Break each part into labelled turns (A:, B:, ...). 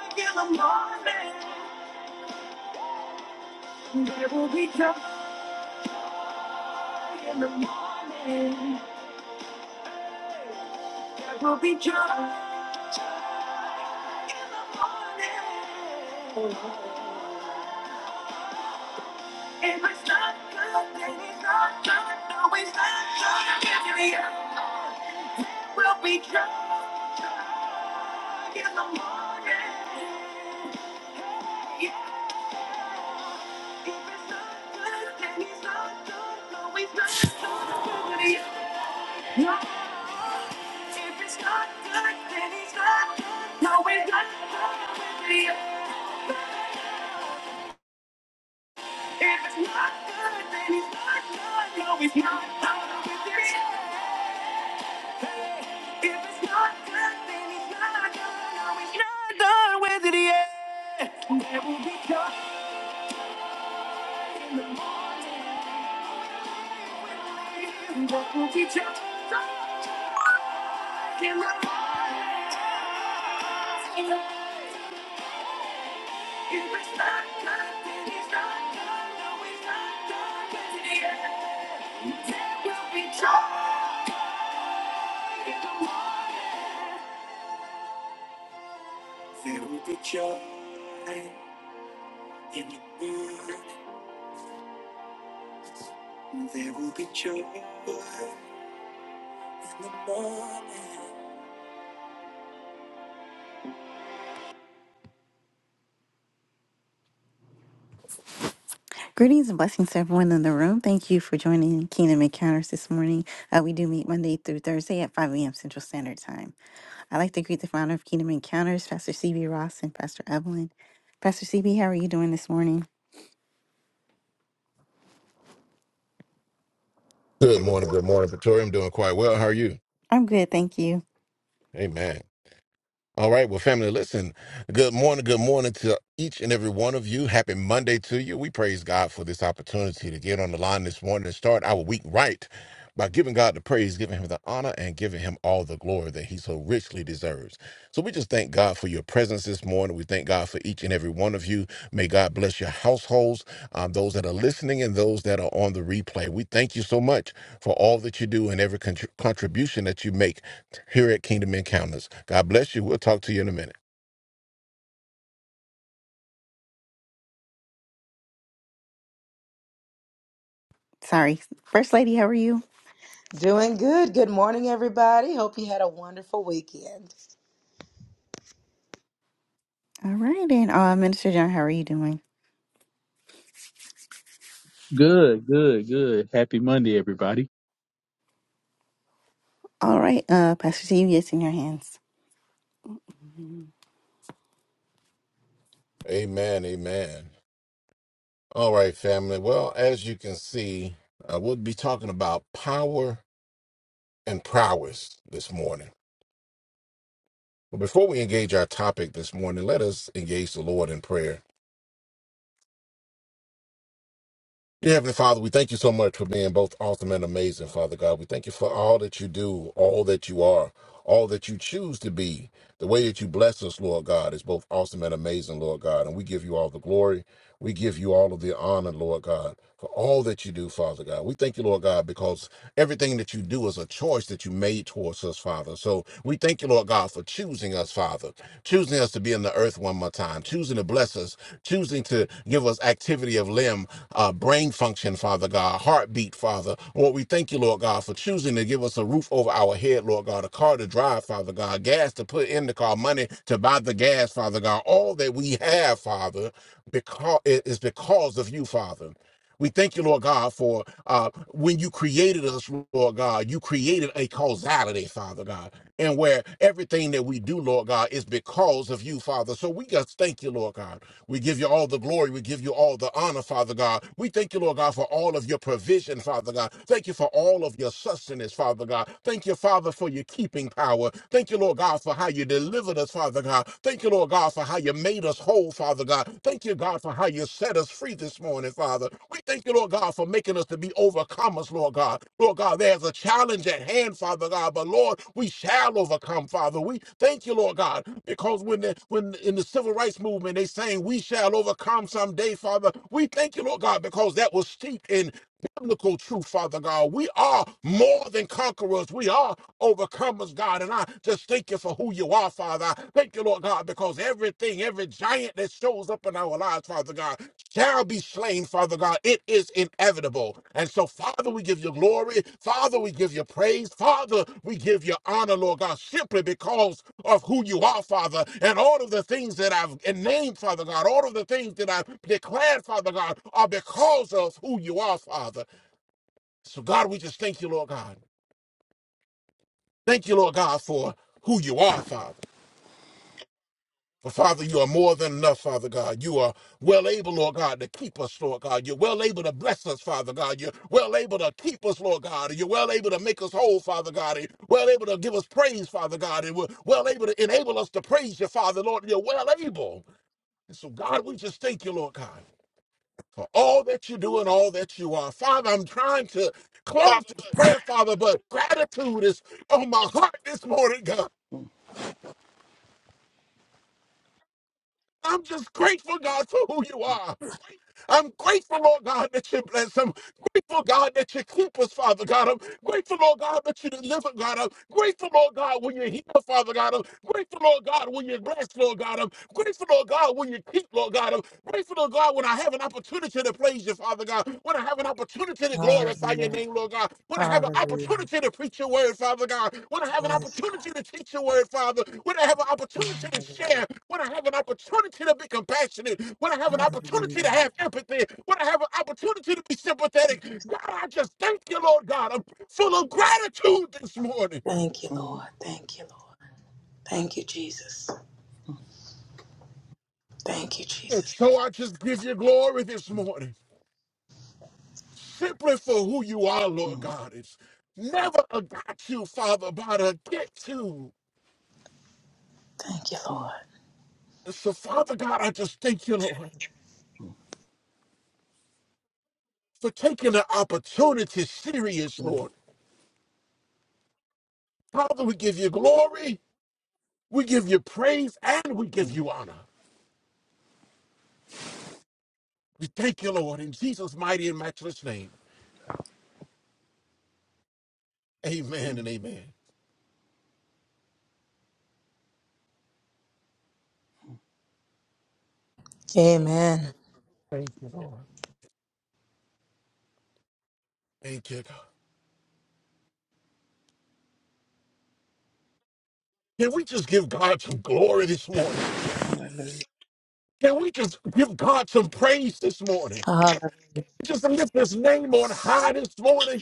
A: in the morning. There will be joy in the morning. There will be joy in the morning. If it's not good, then it's not good. No, it's not good. Give me up. Will be joy in the morning. Yeah. If it's not good, then it's not good. No, it's not good. Give me up. Yeah. If it's not good, then it's not good. No, it's not good. Give me up. If it's not good, then it's not good. No, it's not done with this. Hey, if it's not good, then it's not done. No, it's not done with it yet. There will be joy in the morning. There will be joy in the morning. If it's not good, then it's not done. No, it's not done with it yet. There will be joy in the morning. There will be joy. In the world, there will be joy in the morning. Greetings and blessings to everyone in the room. Thank you for joining Kingdom Encounters this morning. Uh, we do meet Monday through Thursday at 5 a.m. Central Standard Time. I'd like to greet the founder of Kingdom Encounters, Pastor CB Ross and Pastor Evelyn. Pastor CB, how are you doing this morning?
B: Good morning, good morning, Pretoria. I'm doing quite well. How are you?
A: I'm good, thank you.
B: Amen. All right, well, family, listen. Good morning, good morning to each and every one of you. Happy Monday to you. We praise God for this opportunity to get on the line this morning and start our week right by giving God the praise, giving Him the honor, and giving Him all the glory that He so richly deserves. So we just thank God for your presence this morning. We thank God for each and every one of you. May God bless your households, um, those that are listening, and those that are on the replay. We thank you so much for all that you do and every contr contribution that you make here at Kingdom Encounters. God bless you. We'll talk to you in a minute.
A: Sorry. First Lady, how are you?
C: Doing good. Good morning, everybody. Hope you had a wonderful weekend.
A: All right, and uh, Minister John, how are you doing?
D: Good, good, good. Happy Monday, everybody.
A: All right, uh, Pastor CB, it's in your hands.
B: Amen. Amen. All right, family. Well, as you can see, uh, we'll be talking about power and prowess this morning. But before we engage our topic this morning, let us engage the Lord in prayer. Dear Heavenly Father, we thank you so much for being both awesome and amazing, Father God. We thank you for all that you do, all that you are, all that you choose to be. The way that you bless us, Lord God, is both awesome and amazing, Lord God. And we give you all the glory. We give you all of the honor, Lord God, for all that you do, Father God. We thank you, Lord God, because everything that you do is a choice that you made towards us, Father. So we thank you, Lord God, for choosing us, Father, choosing us to be in the earth one more time, choosing to bless us, choosing to give us activity activity of limb, uh, brain function, Father God, heartbeat, Father. Lord, we thank you, Lord God, for choosing to give us a roof over our head, Lord God, a car to drive, Father God, gas to put in the car, money to buy the gas, Father God. All that we have, Father, because it is because of you, Father. We thank you, Lord God, for uh, when you created us, Lord God, you created a causality, Father God, and where everything that we do, Lord God, is because of you, Father. So we just thank you, Lord God. We give you all the glory. We give you all the honor, Father God. We thank you, Lord God, for all of your provision, Father God. Thank you for all of your sustenance, Father God. Thank you, Father, for your keeping power. Thank you, Lord God, for how you you delivered us, Father God. Thank you, Lord God, for how you made us whole, Father God. Thank you, God, for how you set us free this morning, Father. We thank you, Lord God, for making us to be overcomers, Lord God. Lord God, there's a challenge at hand, Father God, but Lord, we shall overcome, Father. We thank you, Lord God, because when the, when in the civil rights movement they saying we shall overcome someday, Father, we thank you, Lord God, because that was steeped in biblical truth, Father God. We are more than conquerors. We are overcomers, God. And I just thank you for who you are, Father. I thank you, Lord God, because everything, every giant that shows up in our lives, Father God, shall be slain, Father God. It is inevitable. And so, Father, we give you glory. Father, we give you praise. Father, we give you honor, Lord God, simply because of who you are, Father, and all of the things that I've named, Father God, all of the things that I've declared, Father God, are because of who you are, Father. So, God, we just thank you, Lord God. Thank you, Lord God, for who you are, Father. But Father, you are more than enough, Father God. You are well able, Lord God, to keep us, Lord God. You're well able to bless us, Father God. You're well able to keep us, Lord God. You're well able to make us whole, Father God. You're well able to give us praise, Father God. And we're well able to enable us to praise you, Father, Lord. You're well able. And so, God, we just thank you, Lord God, for all that you do and all that you are. Father, I'm trying to
E: Mm,
B: close this prayer, Father, but gratitude is on my heart this morning, God. I'm just grateful, God, for who you are. I'm grateful, Lord God, that you bless them. Grateful, God, that you keep us, Father God. I'm grateful, Lord God, that you deliver, God. I'm grateful, Lord God, when you heal, Father God. I'm grateful, Lord God, when you bless, Lord God. I'm grateful, Lord God, when you keep, Lord God. I'm grateful, Lord God, when I have an opportunity to praise you, Father God. When I have an opportunity opportunity to glorify your
C: Hallelujah.
B: name, Lord God. Want to have an
C: Hallelujah.
B: opportunity to preach your word, Father God. Want to have an
C: Yes,
B: opportunity to teach your word, Father. Want to have an
C: God.
B: opportunity to share. Want to have an opportunity to be compassionate. Want to have an
C: Hallelujah.
B: opportunity to
C: Hallelujah.
B: have empathy. Want to have an opportunity to be sympathetic. God, I just thank you, Lord God. I'm full of gratitude this morning.
C: Thank you, Lord.
E: mm,
C: Thank you, Lord. Thank you, Jesus. Thank you,
B: And
C: Jesus.
B: so I just give you glory this
E: mm,
B: morning, simply for who you are, Lord
E: mm,
B: God. It's never a got you, Father, but a get you.
C: Thank you,
E: mm,
C: Lord.
B: So, Father God, I just thank you, Lord, for taking the opportunity serious,
E: mm,
B: Lord. Father, we give you glory, we give you praise, and we give
E: mm,
B: you honor. We thank you, Lord, in Jesus' mighty and matchless name. Amen
E: mm.
B: and amen.
C: Amen.
B: Thank you, Lord. Thank you, God. Can we just give God some glory this morning?
E: Hallelujah.
B: Can we just give God some praise this morning?
C: Hall-
B: Just lift his name on high this morning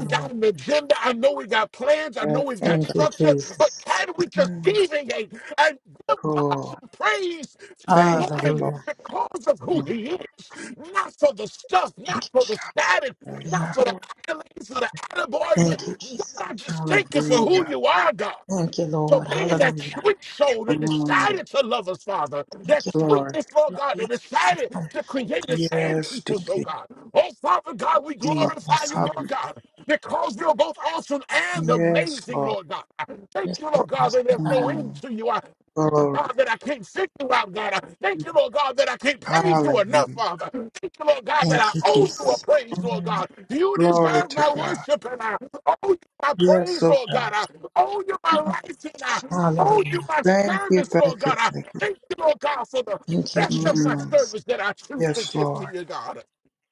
B: we got an agenda. I know we got plans. I know we've
E: So
B: got
E: God.
C: Thank you,
B: structure. But
C: Jesus.
B: can we just
E: Mm,
B: deviate and give God
E: Cool.
B: some praise this
E: Thank you,
B: morning
E: Lord.
C: Hallelujah.
B: because of who
E: mm,
B: He is? Not for the stuff, not
C: Thank you,
B: for the
C: Jesus.
B: status,
C: We
B: not
C: are
E: Hallelujah.
B: for the
C: Lord.
B: accolades, for the attaboys, but
C: Thank
E: mm,
C: you,
B: God,
C: Jesus.
B: I just thank you for who
E: Hallelujah.
B: you are, God.
C: Thank you,
B: So
C: Lord.
B: being that
C: Hallelujah.
B: sweet soul that
E: mm,
B: decided to love us, Father,
C: Thank
B: that
C: you, Lord.
E: Glory.
B: sweetness, Lord
C: Lord.
B: God,
C: we
B: that decided to create us
C: thank
B: and
E: Yes,
B: keep
C: you.
B: us, oh
E: dear.
B: God. Oh, Father God, we
E: mm,
C: Stop
B: glorify you,
C: messing.
B: Lord
E: Hallelujah.
B: God, because you're both awesome and
E: Yes,
B: amazing,
E: Lord.
B: Lord God. Thank
C: Just
B: you, Lord
C: stop
B: God, that
C: messing,
B: there's no
C: God.
B: end
E: mm,
B: to you.
E: Glory.
B: God, that I can't sit you out, God. I Thank you, Lord God, that I can't praise you enough,
E: Hallelujah.
B: Father. Thank you, Lord God, that I
C: Thank you,
B: owe you a
C: Jesus.
B: praise, Lord
E: mm.
B: God. You
E: Glory
B: deserve
E: to
B: my
E: God.
B: worship, and I owe you my
E: Yes,
B: praise,
E: oh
B: Lord God.
E: God.
B: I owe you my
E: Mm,
B: life, and I owe you
C: Hallelujah.
B: my
E: Thank you,
B: service, Lord
E: thank you,
B: God. I
E: thank you.
B: thank you, Lord God, for the
C: Thank you,
B: best of my
E: Mm.
C: Jesus.
B: service that I choose to
E: Yes,
B: give to
E: Lord.
B: you, God.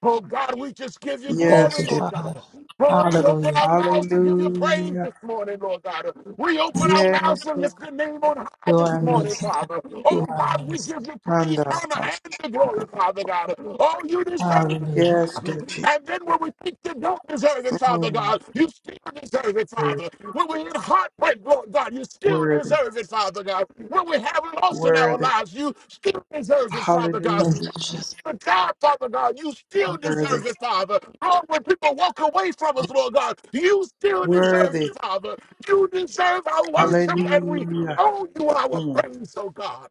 B: Oh, God, we just give you
C: Thank
B: glory,
E: Yes,
C: you,
E: dear
B: Lord
C: Father.
B: God. Oh, we open
C: Hallelujah.
B: our mouths to give you praise
E: Hallelujah.
B: this morning, Lord God. We open
C: Thank
B: our
C: you.
B: mouths
E: Yes,
B: to
E: Lord.
B: lift your name on high
C: You are
B: this
E: Mm,
B: morning,
C: amazing, God.
B: Father. Oh,
C: You are
B: God, we
C: amazing.
B: give you praise, honor, and the
E: Kandarabashanda.
B: glory, Father God. Oh, you deserve it.
C: Hallelujah.
E: Yes, Lord Jesus.
B: And then when we think you don't deserve it, Father
E: Mm,
B: God, you still deserve it,
E: Worthy,
B: Father. When we're in heartbreak, Lord God, you still
E: worthy,
B: deserve it, Father God. When we have loss in our
E: worthy.
B: lives, you still deserve it, Father
C: Thank
B: God
E: Hallelujah.
C: you, Jesus.
B: the job, Father God. You still
E: Worthy,
B: deserve it, Father. Lord, when people walk away from us, Lord God, you still deserve
E: worthy.
B: it, Father. You deserve our worship, and we
E: Hallelujah.
B: owe you our
E: Mm,
B: praise, oh God.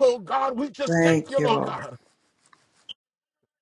B: Oh God, we just thank
E: Thank
B: you,
E: you,
B: Lord
E: Lord.
B: God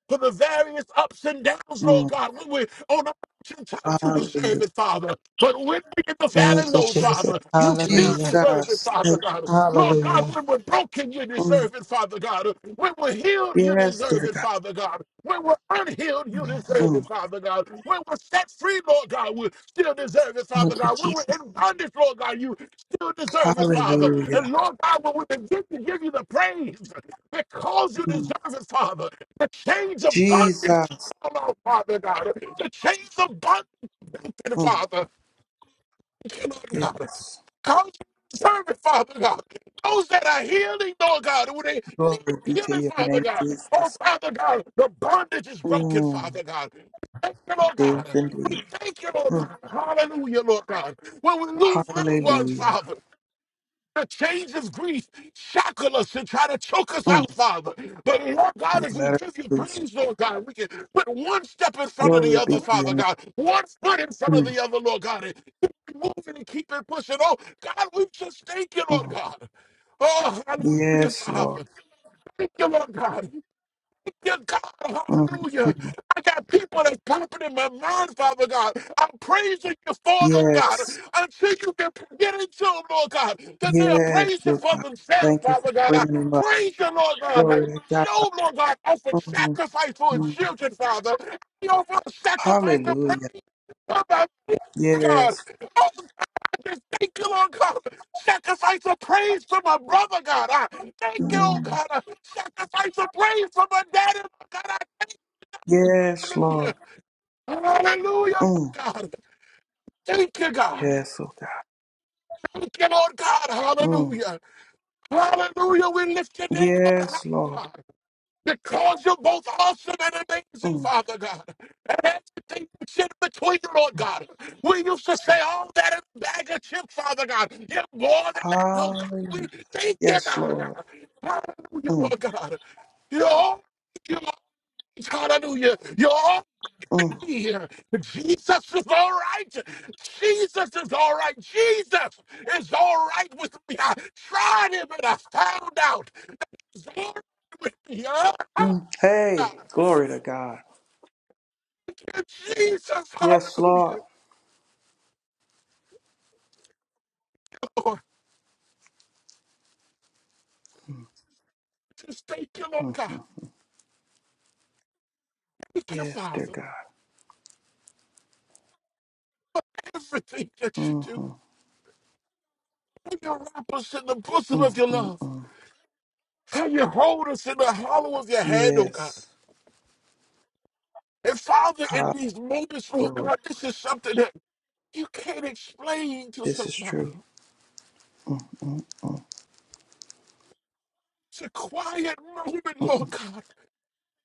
B: for the various ups and downs, Lord
E: Mm,
B: God. When we're on the mountaintop, you deserve
E: Hallelujah.
B: it, Father. But when we're in the valley
C: Thank you,
B: low,
C: Jesus.
B: Father, you still
C: Hallelujah.
B: deserve it,
E: Jesus.
B: Father
E: Thank
B: God. Lord
C: Hallelujah.
B: God, when we're broken, you
E: you. Mm,
B: deserve it, Father God. When we're healed, you
E: Yes,
B: deserve
E: dear
B: it,
E: God.
B: Father God. When we're unhealed, you deserve it,
E: Mm,
B: Father God. When we're set free, Lord God, we still deserve it, Father
C: Thank you,
B: God. When we're
C: Jesus.
B: in bondage, Lord God, you still deserve it, Father. And
E: Hallelujah.
B: Lord God, when we begin to give you the praise because you deserve
E: Mm,
B: it, Father, chains of bondage
E: Jesus.
B: fall off, Father God. The chains of bondage,
E: Mm,
B: Father. Lord God.
E: Yes.
B: Cause servant, Father God. Those that are healing, Lord God, who they need
E: Glory be to
B: healing,
E: your
B: Father
E: name,
B: God. Oh,
E: Jesus.
B: Father God, the bondage is broken,
E: Mm.
B: Father God. Thank you, Lord
E: Yes,
B: God. We
E: indeed.
B: thank you, Lord
E: Mm.
B: God. Hallelujah, Lord God. When we lose loved ones,
E: Hallelujah.
B: Father. The chains of grief shackle us and try to choke us
E: Mm.
B: out, Father. But Lord God,
E: You
B: if we
E: let us
B: give you
E: loose.
B: praise, Lord God, we can put one step in front of the
E: Glory be
B: other,
E: to your
B: Father
E: name.
B: God, one foot in front of
E: Mm.
B: the other, Lord God, and keep it moving and keep it pushing. Oh, God, we just thank you, Lord
E: Mm.
B: God. Oh, hallelujah,
E: Yes,
B: Father.
E: Lord.
B: Thank you, Lord God. Dear God,
E: Mm.
B: hallelujah.
E: Mm.
B: I got people that's popping in my mind, Father God. I'm praising you for, Lord God.
E: Yes.
B: Until you can get into them, Lord God, that they are
E: Yes,
B: praising
E: Lord
B: for
E: God.
B: themselves,
E: Thank you for
B: Father God. I
E: bringing him up.
B: praise you, Lord God.
E: Glory
B: Like,
E: to God.
B: show, Lord God, offer
E: Mm.
B: sacrifice for his
E: Mm.
B: children, Father. He offer sacrifice of
E: Hallelujah.
B: praise. How about this, God?
E: Yes.
B: Oh, just thank you, Lord God. Sacrifice of praise for my brother, God. I thank you, oh
E: Mm.
B: God. I sacrifice of praise for my daddy, Lord God.
E: Yes,
B: Hallelujah.
E: Lord.
B: Hallelujah, Lord
E: Mm.
B: God. Thank you, God.
E: Yes, oh God.
B: Thank you, Lord God.
E: Mm.
B: Hallelujah. Hallelujah. We lift your name,
E: Yes,
B: Lord
E: Lord.
B: God. because you're both awesome and amazing,
E: Mm.
B: Father God. And everything you sit in between, Lord God. We used to say all that in a bag of chips, Father God. You're more than that, Lord God.
E: Hallelujah.
B: We thank you,
E: Yes,
B: God.
E: Lord.
B: Hallelujah,
E: Mm.
B: Lord God. You're all, you're all, hallelujah. You're all
E: Mm.
B: here. Jesus is all right. Jesus is all right. Jesus is all right with me. I tried him and I found out. He's all right with me. Ah, ah,
E: Mm.
B: ah.
E: Hey, glory to God.
B: Jesus,
E: Yes, Lord.
B: hallelujah. Lord, just thank you, Lord
E: hmm
B: God. Thank you,
E: Yes, dear
B: Father.
E: God.
B: Everything that you do.
E: hmm
B: How you wrap us in the bosom
E: mm
B: of your
E: mm
B: love.
E: mm.
B: How you hold us in the hollow of your hand, oh God.
E: Yes.
B: And Father, in
E: Ah,
B: these moments, oh
E: Lord,
B: God, this is something that you can't explain to
E: this is true.
B: somebody.
E: Mm-hmm.
B: It's a quiet moment,
E: Mm-hmm.
B: Lord God,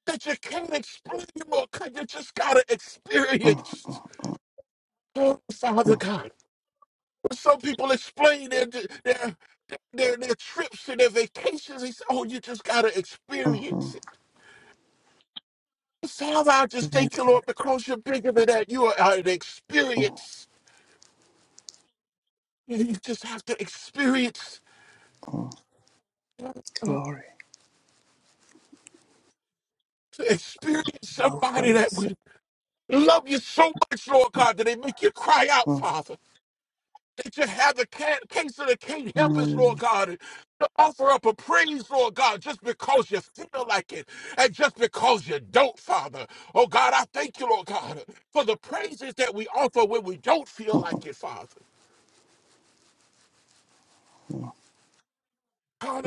B: that you can't explain, Lord God. You just gotta experience. Oh, Father God. Some people explain their their their, their trips and their vacations. They say, "Oh, you just gotta
E: Mm-hmm.
B: experience it." So I just thank you,
E: Thank you.
B: Lord, because you're bigger than that. You are uh, an experience. And you just have to experience
E: mm
B: to
E: Glory.
B: experience
E: Know for
B: somebody that
E: yourself.
B: would love you so much, Lord God, that they make you cry out,
E: mm
B: Father. that you have the ca- cancer that can't help us, Lord
E: Mm.
B: God, to offer up a praise, Lord God, just because you feel like it and just because you don't, Father. Oh God, I thank you, Lord God, for the praises that we offer when we don't feel like it, Father.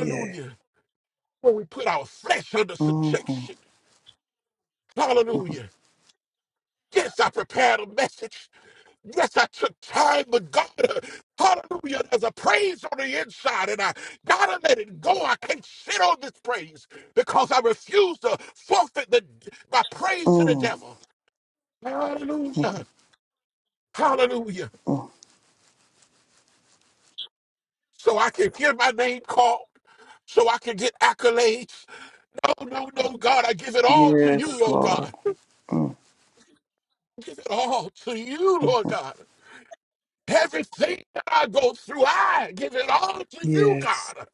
E: Yeah.
B: When we put our flesh under
E: hmm
B: subjection.
E: mm
B: Hallelujah. Yes, I prepared a message Yes, I took time, but God, uh, hallelujah, there's a praise on the inside, and I gotta let it go. I can't sit on this praise because I refuse to forfeit the, my praise to the
E: mm
B: devil. Hallelujah, hallelujah. So I can hear my name called, so I can get accolades. No, no, no, God, I give it all to you,
E: Yes,
B: Lord
E: Lord.
B: God.
E: mm
B: give it all to you, Lord God. Everything that I go through, I give it all to you,
E: Yes.
B: God.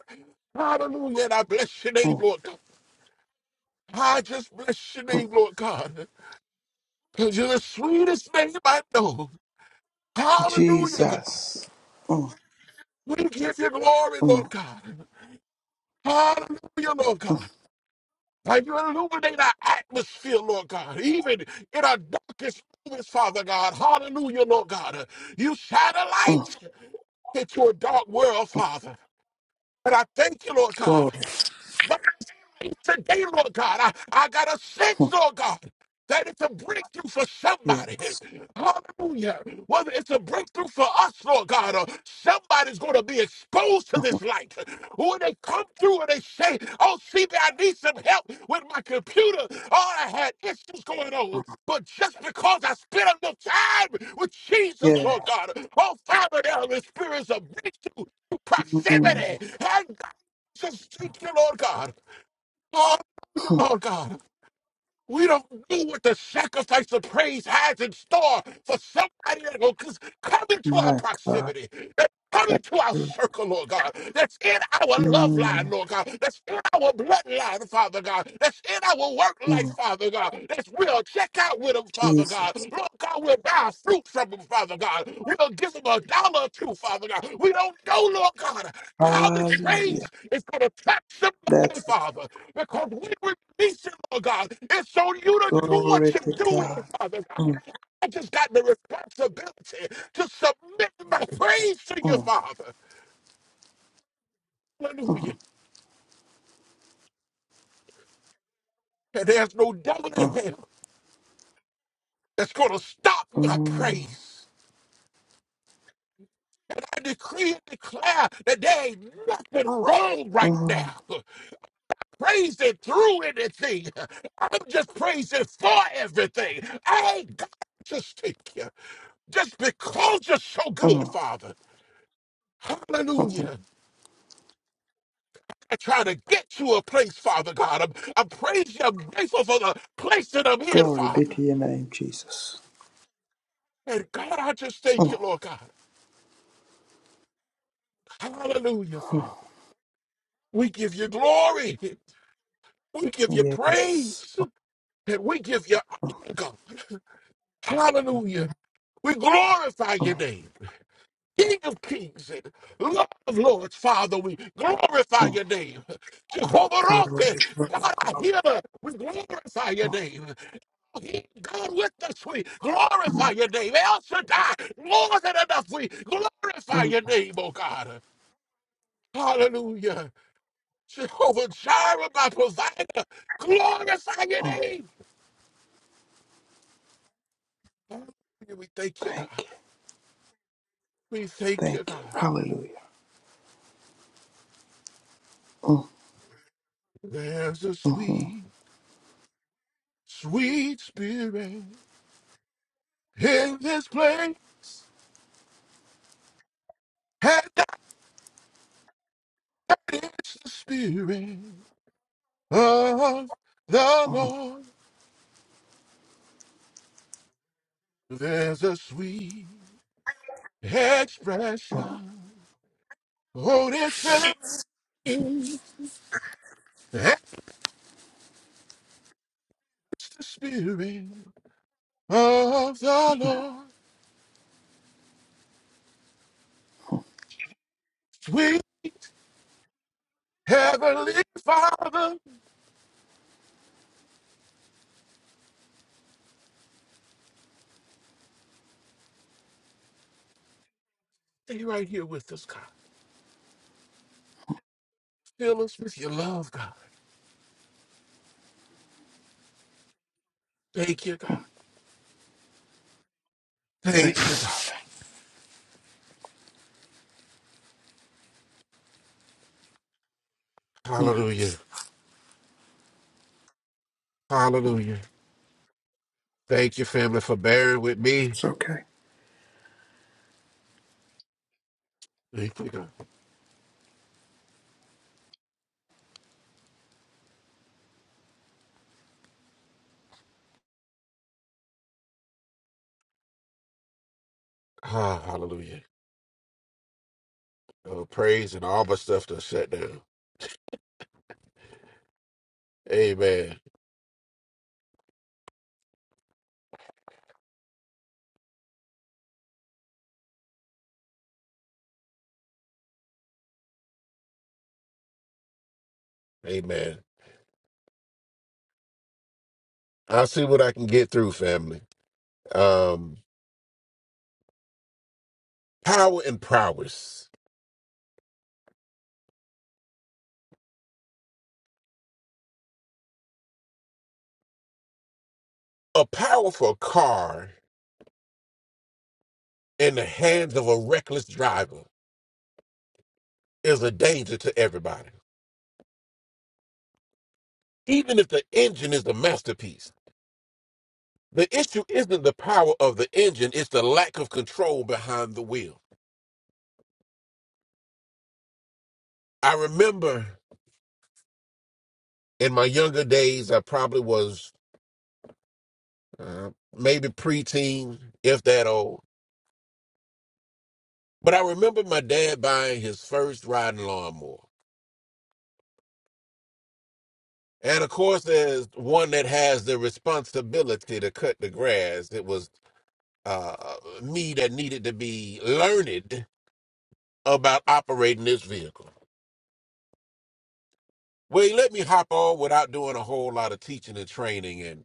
B: Hallelujah. And I bless your name,
E: Mm-hmm.
B: Lord God. I just bless your name, Lord God. Because you're the sweetest name I know. Hallelujah, God.
E: Jesus. Mm,
B: We give you glory,
E: mm,
B: Lord God. Hallelujah, Lord
E: mm,
B: God. And you illuminate our atmosphere, Lord God, even in our darkest moments, Father God. Hallelujah, Lord God. You shine a
E: mm.
B: light into a dark world,
E: mm.
B: Father. And I thank you, Lord God.
E: Glory.
B: today, Lord God. I, I got a sense,
E: Mm,
B: Lord God. That it's a breakthrough for somebody.
E: Yes.
B: Hallelujah. Whether it's a breakthrough for us, Lord God, or somebody's going to be exposed to
E: Mm,
B: this light. When they come through and they say, Oh, see, I need some help with my computer. Oh, I had issues going on. But just because I spent enough time with Jesus,
E: Yeah.
B: Lord God, oh, Father, there are the spirits of breakthrough,
E: Mm,
B: proximity. And I just thank you, Lord God. Hallelujah, Lord God. We don't know what the sacrifice of praise has in store for somebody that will c- come into our
E: my God.
B: proximity, that come
E: That's
B: into our
E: true.
B: circle, Lord God, that's in our love line,
E: Mm,
B: Lord God, that's in our bloodline, Father God, that's in our work life,
E: mm.
B: Father God, that's we'll check out with them, Father God.
E: Jesus.
B: Lord God, we'll buy fruit from them, Father God. We'll give them a dollar or two, Father God. We don't know, Lord God, how this
E: Hallelujah.
B: praise is going to touch somebody,
E: That's right.
B: Father. Because we release it, Lord God. It's on you to do what
E: Glory
B: you
E: to
B: do with it,
E: God.
B: Father God.
E: Mm,
B: I just got the responsibility to submit my praise to you,
E: mm,
B: Father. Hallelujah.
E: mm,
B: And there's no devil in
E: mm,
B: hell that's going to stop my
E: mm,
B: praise. I decree and declare that there ain't nothing wrong right
E: mm,
B: now. Praise it through anything. I'm just praising for everything. I ain't got to thank you just because you're so good,
E: mm,
B: Father.
E: mm.
B: Hallelujah. I try to get to a place, Father God. I'm, I'm praising you. I'm grateful for the place that I'm in,
E: Glory be
B: Father.
E: to your name, Jesus.
B: And God, I just thank you,
E: Mm,
B: Lord God. Hallelujah,
E: mm.
B: Father. We give you glory. We give you
E: Yes.
B: praise. And we give you
E: Mm,
B: honor. Hallelujah. We glorify your
E: mm,
B: name. King of kings and Lord of lords, Father, we glorify
E: mm.
B: your name. Jehovah Rapha,
E: Glory, glory,
B: God, our
E: glory.
B: healer, we glorify your
E: Mm,
B: name. He, God, with us, we glorify
E: mm,
B: your name. El Shaddai, more than enough, we glorify
E: mm.
B: your name, oh God. Hallelujah. Jehovah Jireh, my provider, glorify your
E: mm.
B: name. Hallelujah. We thank you, God.
E: Thank you.
B: We thank you,
E: Thank you.
B: God.
E: Hallelujah. Mm,
B: There's a
E: mhm, mm,
B: sweet, sweet spirit. In this place, and that is the spirit of the
E: mm.
B: Lord. There's a sweet
E: mm.
B: expression on His face. It's the spirit of the Lord. Sweet heavenly Father, stay right here with us, God. Fill us with your love, God. Thank you, God.
E: Thank you,
B: Thank you, God.
E: Father. Mm,
B: Hallelujah. Hallelujah. Thank you, family, for bearing with me.
E: It's okay.
B: We thank him. Ah, hallelujah. Uh, praise and all my stuff to shut down. Amen. Amen. I'll see what I can get through, family. Um, power and prowess. A powerful car in the hands of a reckless driver is a danger to everybody. Even if the engine is the masterpiece, the issue isn't the power of the engine, it's the lack of control behind the wheel. I remember in my younger days, I probably was uh, maybe preteen, if that old. But I remember my dad buying his first riding lawnmower. And of course, there's one that has the responsibility to cut the grass. It was uh, me that needed to be learned about operating this vehicle. Well, he let me hop on without doing a whole lot of teaching and training. And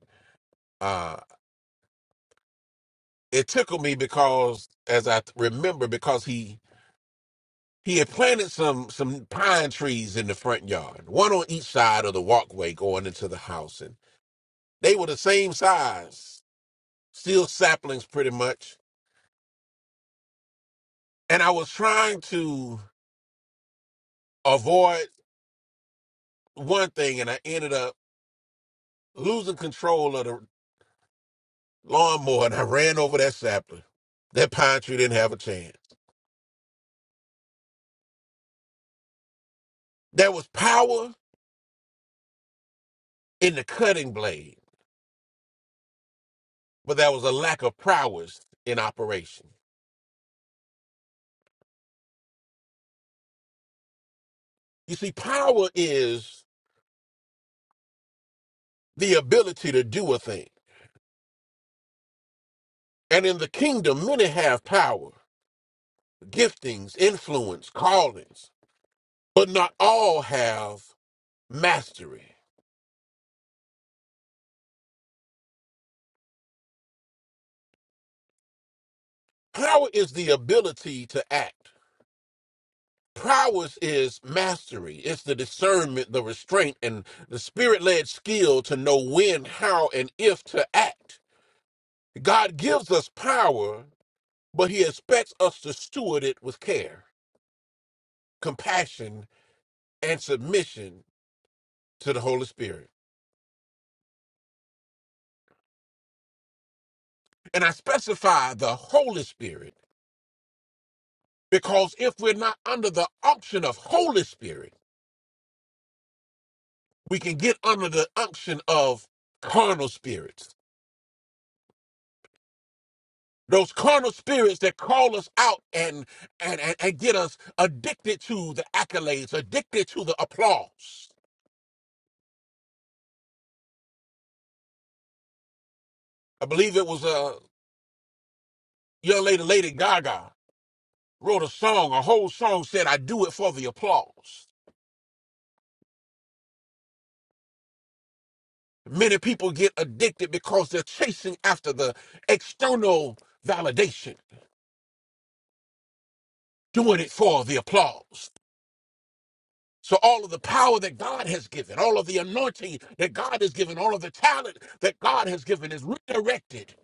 B: uh, it tickled me because, as I remember, because he He had planted some some pine trees in the front yard, one on each side of the walkway going into the house, and they were the same size, still saplings pretty much. And I was trying to avoid one thing, and I ended up losing control of the lawnmower, and I ran over that sapling. That pine tree didn't have a chance. There was power in the cutting blade, but there was a lack of prowess in operation. You see, power is the ability to do a thing. And in the kingdom, many have power, giftings, influence, callings, but not all have mastery. Power is the ability to act. Prowess is mastery. It's the discernment, the restraint, and the spirit led skill to know when, how, and if to act. God gives us power, but He expects us to steward it with care, compassion, and submission to the Holy Spirit. And I specify the Holy Spirit Because if we're not under the unction of Holy Spirit, we can get under the unction of carnal spirits. Those carnal spirits that call us out and, and, and, and get us addicted to the accolades, addicted to the applause. I believe it was a young lady, Lady Gaga, wrote a song, a whole song said, I do it for the applause. Many people get addicted because they're chasing after the external validation, doing it for the applause. So, all of the power that God has given, all of the anointing that God has given, all of the talent that God has given is redirected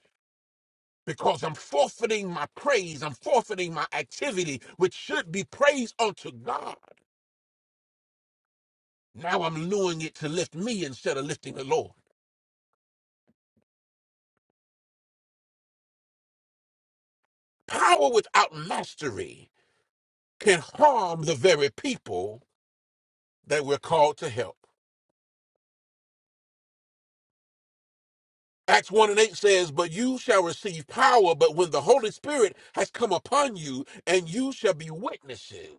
B: because I'm forfeiting my praise. I'm forfeiting my activity, which should be praise unto God. Now I'm doing it to lift me instead of lifting the Lord. Power without mastery can harm the very people that we're called to help. Acts 1 and 8 says, But you shall receive power, but when the Holy Spirit has come upon you, and you shall be witnesses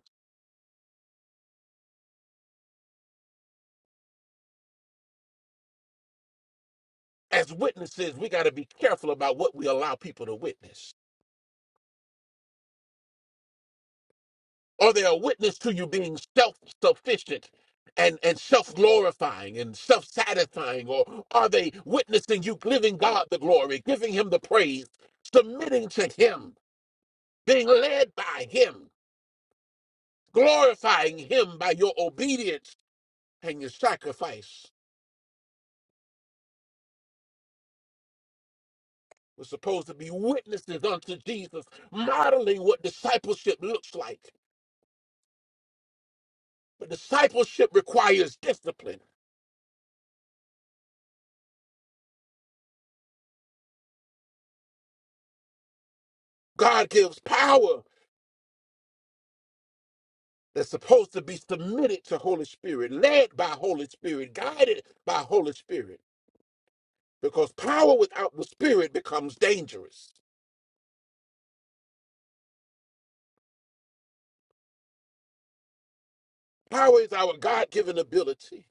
B: as witnesses, we got to be careful about what we allow people to witness. Are they a witness to you being self sufficient and, and self glorifying and self satisfying? Or are they witnessing you giving God the glory, giving Him the praise, submitting to Him, being led by Him, glorifying Him by your obedience and your sacrifice? We're supposed to be witnesses unto Jesus, modeling what discipleship looks like. But discipleship requires discipline. God gives power that's supposed to be submitted to Holy Spirit, led by Holy Spirit, guided by Holy Spirit. Because power without the Spirit becomes dangerous. Power is our God given ability.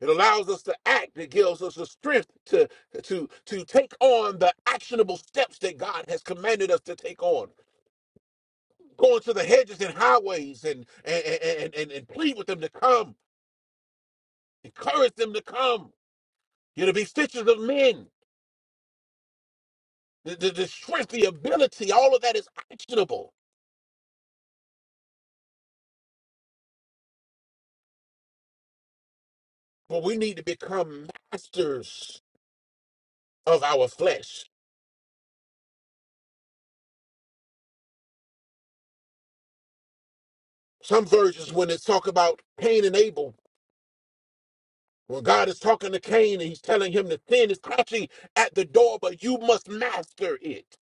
B: It allows us to act. It gives us the strength to, to, to take on the actionable steps that God has commanded us to take on. Going to the hedges and highways and, and, and, and, and plead with them to come, encourage them to come. You're to be stitches of men the, the, the strength, the ability, all of that is actionable. But we need to become masters of our flesh. Some versions, when it's talk about Cain and Abel, when God is talking to Cain and he's telling him the sin is crouching at the door, but you must master it.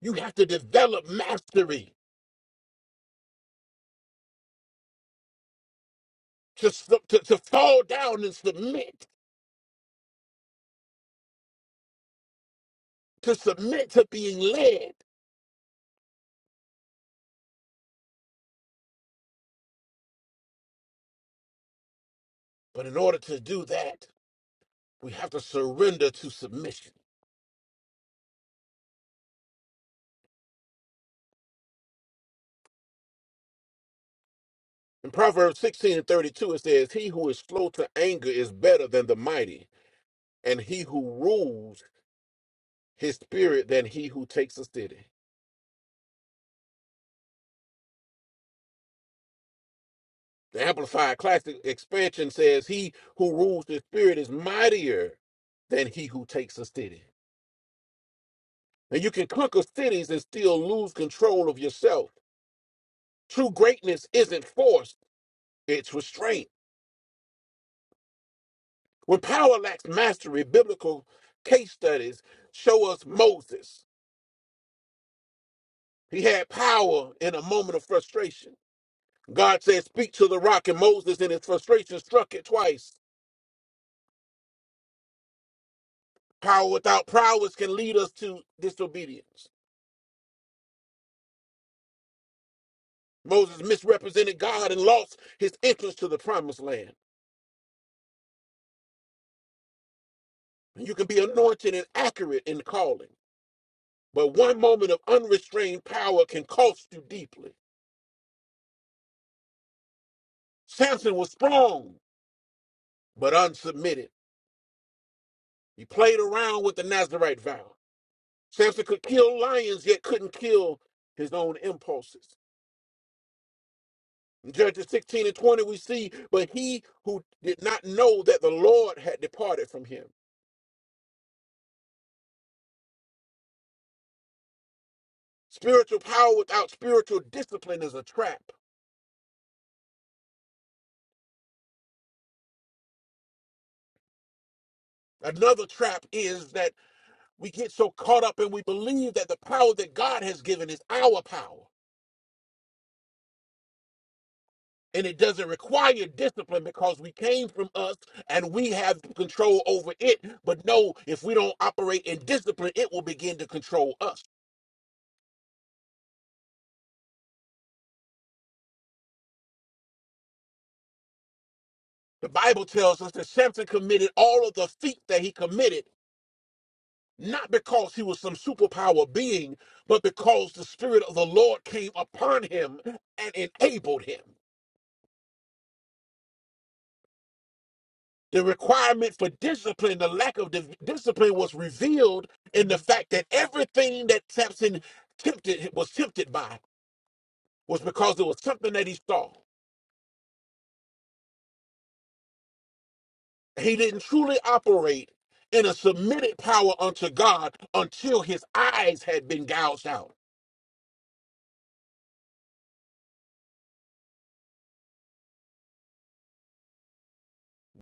B: You have to develop mastery to, su- to, to fall down and submit, to submit to being led. But in order to do that, we have to surrender to submission. In Proverbs 16 and 32, it says, He who is slow to anger is better than the mighty, and he who rules his spirit than he who takes a city. The Amplified Classic Expansion says, He who rules his spirit is mightier than he who takes a city. And you can conquer cities and still lose control of yourself. True greatness isn't force, it's restraint. When power lacks mastery, biblical case studies show us Moses. He had power in a moment of frustration. God said, Speak to the rock, and Moses, in his frustration, struck it twice. Power without prowess can lead us to disobedience. Moses misrepresented God and lost his entrance to the promised land. You can be anointed and accurate in calling, but one moment of unrestrained power can cost you deeply. Samson was strong, but unsubmitted. He played around with the Nazarite vow. Samson could kill lions, yet couldn't kill his own impulses. In Judges 16 and 20, we see, but he who did not know that the Lord had departed from him. Spiritual power without spiritual discipline is a trap. Another trap is that we get so caught up and we believe that the power that God has given is our power. And it doesn't require discipline because we came from us and we have control over it. But no, if we don't operate in discipline, it will begin to control us. The Bible tells us that Samson committed all of the feats that he committed not because he was some superpower being, but because the Spirit of the Lord came upon him and enabled him. The requirement for discipline, the lack of di- discipline, was revealed in the fact that everything that Samson tempted was tempted by was because it was something that he saw. He didn't truly operate in a submitted power unto God until his eyes had been gouged out.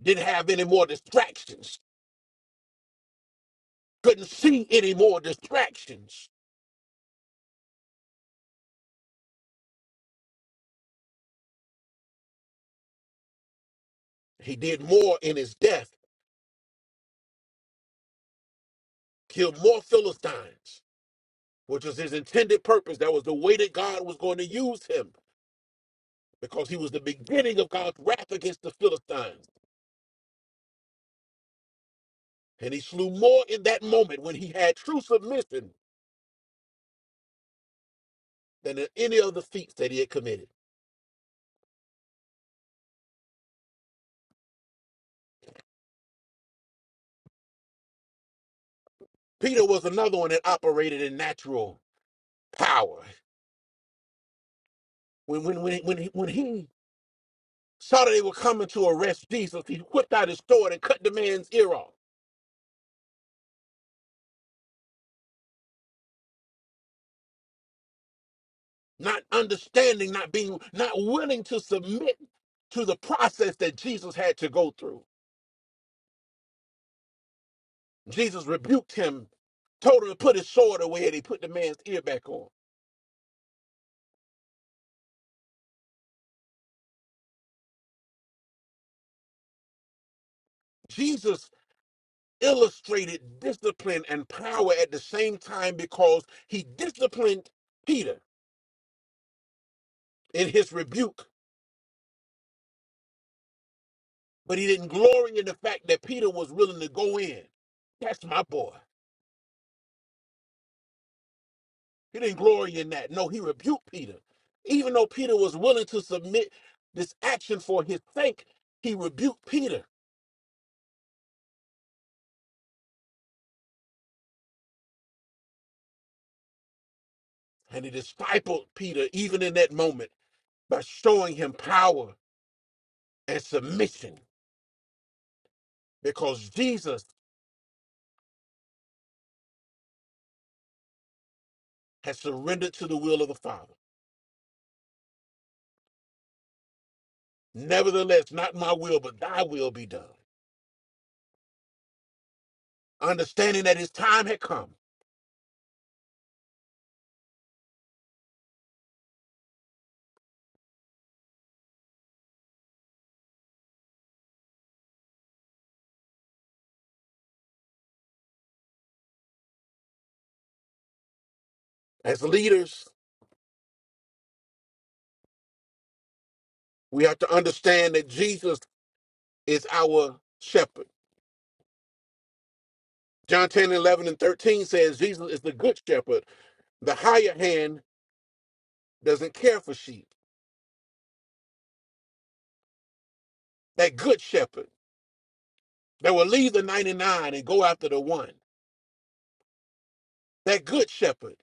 B: Didn't have any more distractions. Couldn't see any more distractions He did more in his death, killed more Philistines, which was his intended purpose. That was the way that God was going to use him because he was the beginning of God's wrath against the Philistines. And he slew more in that moment when he had true submission than in any other feats that he had committed. Peter was another one that operated in natural power. When, when, when, when, he, when he saw that they were coming to arrest Jesus, he whipped out his sword and cut the man's ear off. not understanding, not being, not willing to submit to the process that Jesus had to go through. Jesus rebuked him, told him to put his sword away, and he put the man's ear back on. Jesus illustrated discipline and power at the same time because he disciplined Peter in his rebuke, but he didn't glory in the fact that Peter was willing to go in. That's my boy. He didn't glory in that. No, he rebuked Peter. Even though Peter was willing to submit this action for his sake, he rebuked Peter. And he discipled Peter even in that moment by showing him power and submission because Jesus has surrendered to the will of the Father. Nevertheless, not my will, but thy will be done. Understanding that his time had come. As leaders, we have to understand that Jesus is our shepherd. John 10 11 and 13 says Jesus is the good shepherd. The higher hand doesn't care for sheep. That good shepherd that will leave the 99 and go after the one. That good shepherd.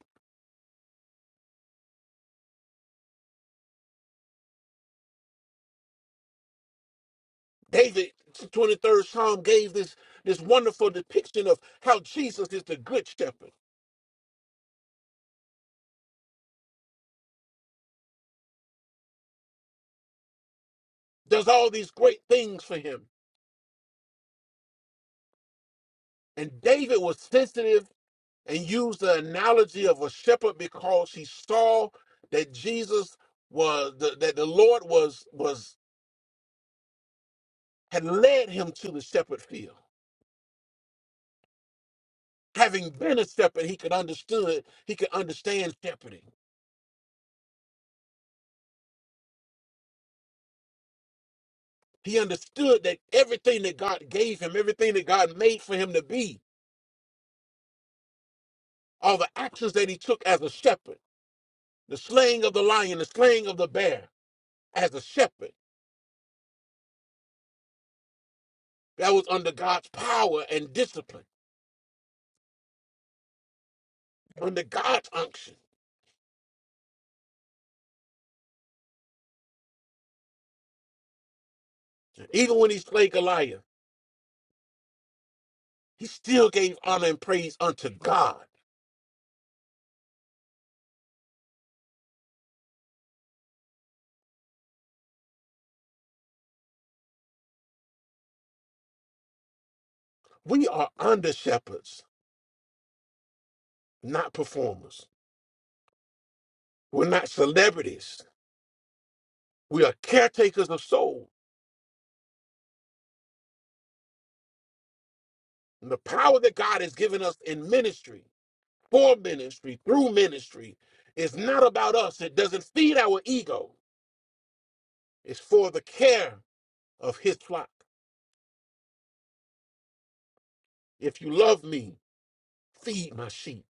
B: David, 23rd Psalm, gave this, this wonderful depiction of how Jesus is the good shepherd, does all these great things for him. And David was sensitive and used the analogy of a shepherd because he saw that Jesus was, that the Lord was, was had led him to the shepherd field. Having been a shepherd, he could understood he could understand shepherding. He understood that everything that God gave him, everything that God made for him to be, all the actions that he took as a shepherd, the slaying of the lion, the slaying of the bear, as a shepherd, that was under God's power and discipline, under God's unction. Even when he slayed Goliath, he still gave honor and praise unto God. We are under shepherds, not performers. We're not celebrities. We are caretakers of souls, And the power that God has given us in ministry, for ministry, through ministry, is not about us. It doesn't feed our ego. It's for the care of his flock. If you love me, feed my sheep.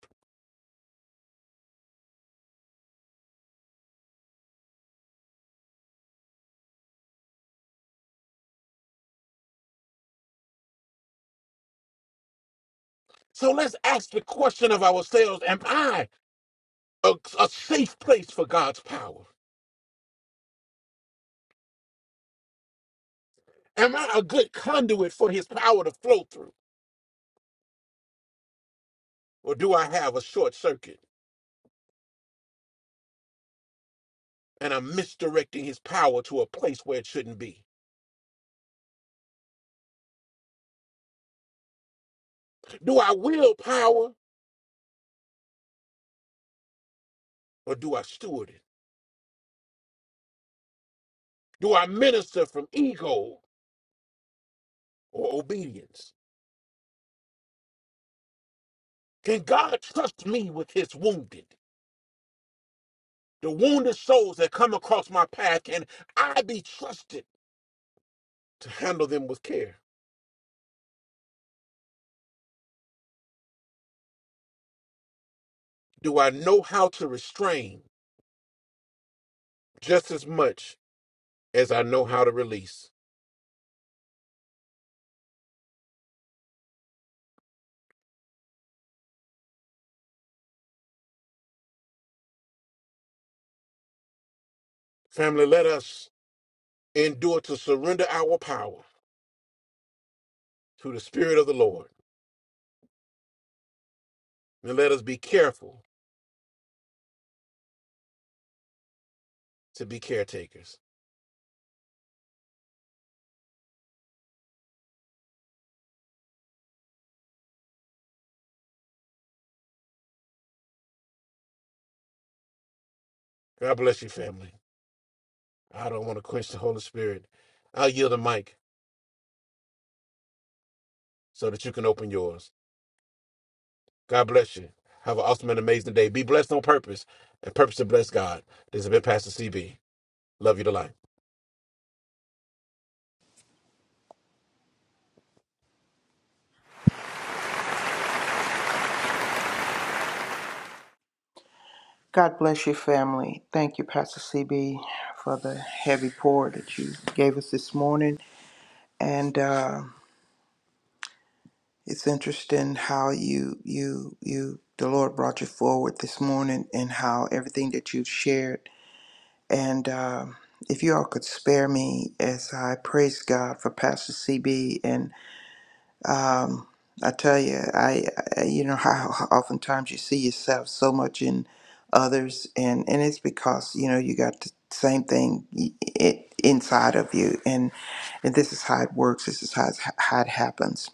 B: So let's ask the question of ourselves Am I a, a safe place for God's power? Am I a good conduit for his power to flow through? Or do I have a short circuit and I'm misdirecting his power to a place where it shouldn't be? Do I will power or do I steward it? Do I minister from ego or obedience? Can God trust me with his wounded, the wounded souls that come across my path? Can I be trusted to handle them with care? Do I know how to restrain just as much as I know how to release? Family, let us endure to surrender our power to the Spirit of the Lord, and let us be careful to be caretakers. God bless you, family. I don't want to quench the Holy Spirit. I'll yield the mic so that you can open yours. God bless you. Have an awesome and amazing day. Be blessed on purpose and purpose to bless God. This has been Pastor CB. Love you to life.
E: God bless your family. Thank you, Pastor CB, for the heavy pour that you gave us this morning. And uh, it's interesting how you, you, you, the Lord brought you forward this morning and how everything that you've shared. And um if you all could spare me as I praise God for Pastor CB and Um, I tell you, I, I you know how how oftentimes you see yourself so much in others, and and it's because you know you got the same thing i- i- inside of you, and and this is how it works. This is how it's, how it happens.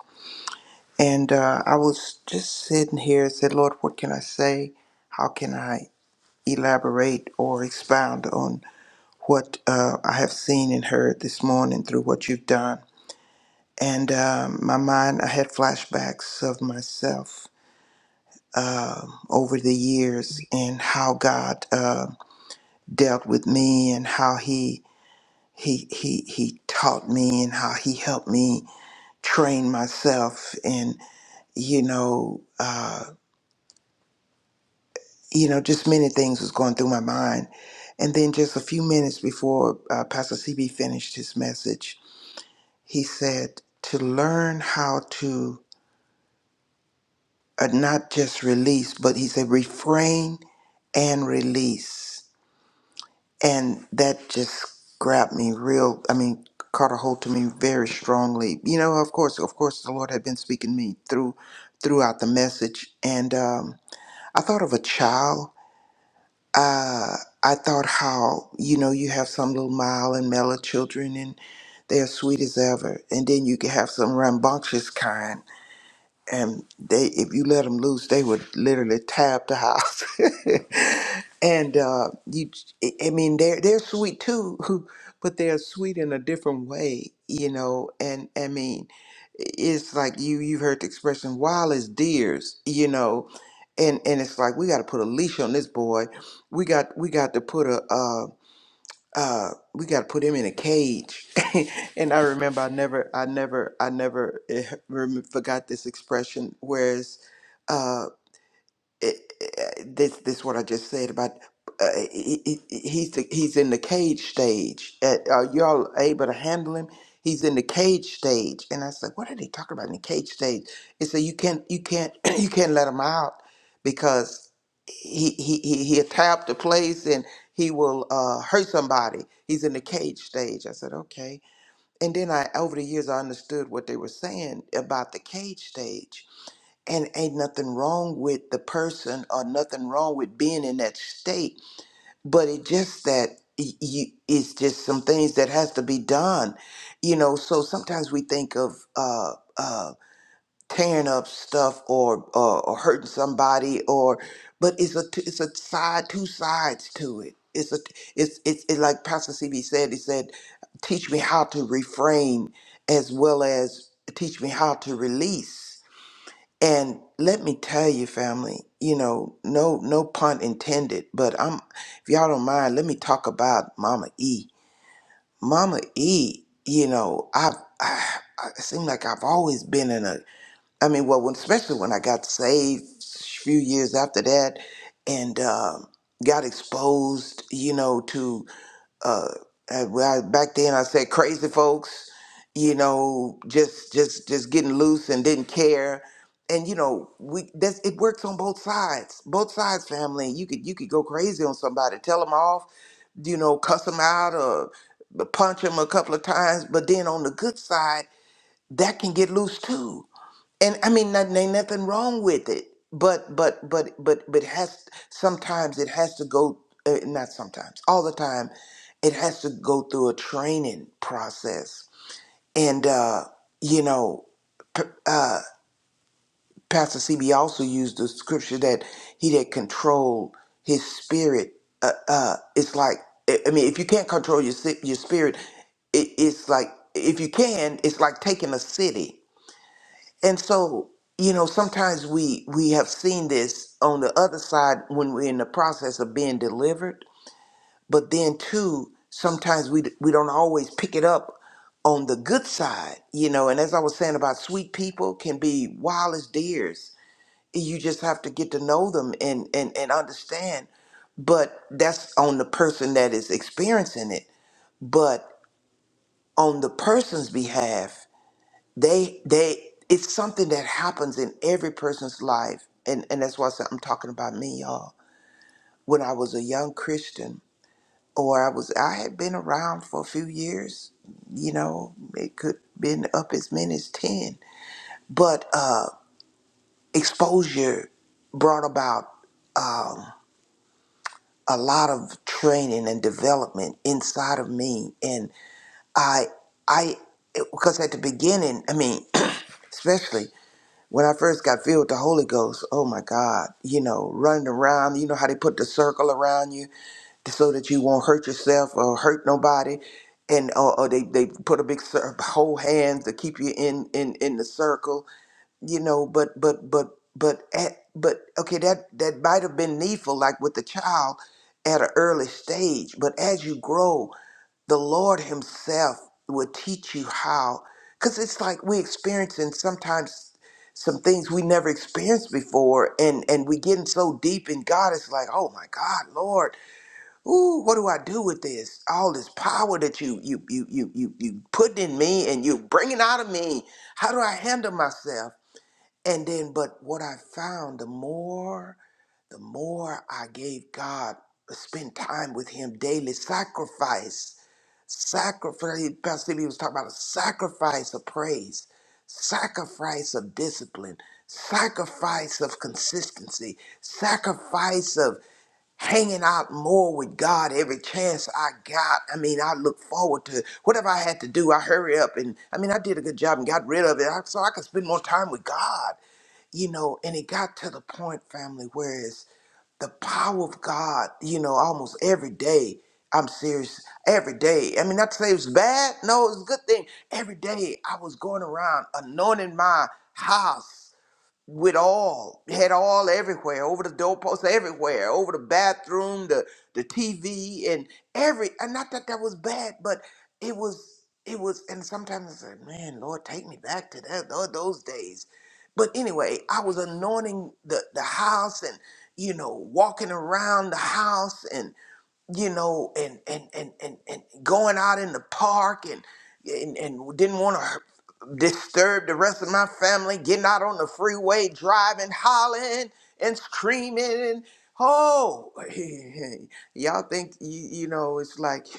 E: And uh, I was just sitting here and said, Lord, what can I say? How can I elaborate or expound on what uh, I have seen and heard this morning through what you've done? And um, my mind, I had flashbacks of myself um over the years and how God uh, dealt with me and how He He He He taught me and how He helped me train myself and you know uh, you know just many things was going through my mind. And then just a few minutes before uh, Pastor CB finished his message, he said to learn how to. uh, not just release, but he said refrain and release. And that just grabbed me real, I mean, caught a hold to me very strongly. You know, of course, of course, the Lord had been speaking to me through throughout the message. And um, I thought of a child. Uh, I thought how, you know, you have some little mild and mellow children and they're sweet as ever. And then you can have some rambunctious kind and they if you let them loose they would literally tab the house and uh you i I mean they're they're sweet too but they're sweet in a different way you know and i mean it's like you you've heard the expression wild as deers you know and and it's like we got to put a leash on this boy we got we got to put a uh, uh we got to put him in a cage and i remember i never i never i never eh, rem- forgot this expression whereas uh, it, it- this this what I just said about uh, he, he- he- he's the, he's in the cage stage. Uh, are y'all able to handle him? He's in the cage stage, and I said, "What are they talking about in the cage stage?" They said, "You can't you can't you can't let him out because he he he he'll tie the place and he will uh, hurt somebody. He's in the cage stage." I said, "Okay." And then I over the years I understood what they were saying about the cage stage and ain't nothing wrong with the person or nothing wrong with being in that state but it just that y- you, it's just some things that has to be done you know so sometimes we think of uh uh tearing up stuff or or, or hurting somebody or but it's a t- it's a side two sides to it it's a it's it's it, like pastor cb said he said teach me how to refrain as well as teach me how to release and let me tell you, family, you know, no no pun intended, but I'm if y'all don't mind, let me talk about Mama E. Mama E, you know, I've I, I it seem like I've always been in a I mean, well, when, especially when I got saved a few years after that and um got exposed, you know, to uh and when I, back then I said crazy folks, you know, just just just getting loose and didn't care. And you know, we that's it works on both sides. Both sides family. You could you could go crazy on somebody, tell them off, you know, cuss them out or punch them a couple of times, but then on the good side, that can get loose too and I mean, not, ain't nothing wrong with it, but but but but but has sometimes it has to go. Uh, not sometimes, all the time, it has to go through a training process. And uh, you know, uh, Pastor CB also used the scripture that he that control his spirit. Uh, uh, it's like I I mean, if you can't control your si- your spirit, it, it's like if you can, it's like taking a city and so, you know, sometimes we we have seen this on the other side when we're in the process of being delivered, but then too, sometimes we d- we don't always pick it up on the good side, you know. And as I was saying about sweet people can be wild as deers. You just have to get to know them and and and understand. But that's on the person that is experiencing it. But on the person's behalf, they they it's something that happens in every person's life and and that's why I said I'm talking about me y'all when I was a young Christian or I was I had been around for a few years you know it could been up as many as 10 but uh exposure brought about um, a lot of training and development inside of me and I I because at the beginning I mean especially when I first got filled with the Holy Ghost, oh my God, you know, running around, you know how they put the circle around you so that you won't hurt yourself or hurt nobody. And or, or they, they put a big cir- whole hand to keep you in, in, in the circle, you know, but, but, but, but, at, but, okay, that, that might have been needful, like with the child at an early stage, but as you grow, the Lord Himself will teach you how. Because it's like we experiencing sometimes some things we never experienced before, and and we getting so deep in God, it's like, oh my God, Lord, ooh, what do I do with this? All this power that you you you you you you put in me, and you bringing out of me. How do I handle myself? And then, but what I found, the more, the more I gave God, spend time with Him daily, sacrifice Sacrifice, he- Pastor Steve, was talking about a sacrifice of praise, sacrifice of discipline, sacrifice of consistency, sacrifice of hanging out more with God every chance I got. I mean, I look forward to whatever I had to do. I hurry up and I mean, I did a good job and got rid of it I- so I could spend more time with God, you know. And it got to the point, family, where it's the power of God, you know, almost every day. I'm serious. Every day. I mean, not to say it's bad. No, it's a good thing. Every day I was going around anointing my house with all had all everywhere over the doorposts everywhere over the bathroom the the tv and every and not that that was bad but it was it was and sometimes i said man lord take me back to that tho- those days but anyway i was anointing the the house and you know walking around the house and you know, and and and and, and going out in the park and and, and didn't want to disturb the rest of my family, getting out on the freeway, driving, hollering and screaming and oh, y'all think you, you know it's like.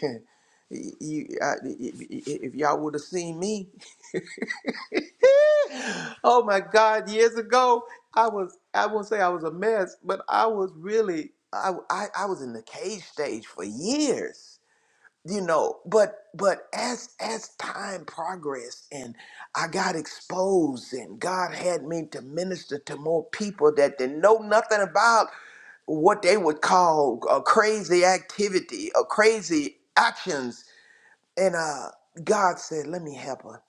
E: You, I, if y'all would have seen me, oh my God! Years ago, I was—I won't say I was a mess, but I was really—I—I I, I I was in the cage stage for years you know but but as as time progressed and i got exposed and god had me to minister to more people that didn't know nothing about what they would call a crazy activity or crazy actions and uh god said let me help her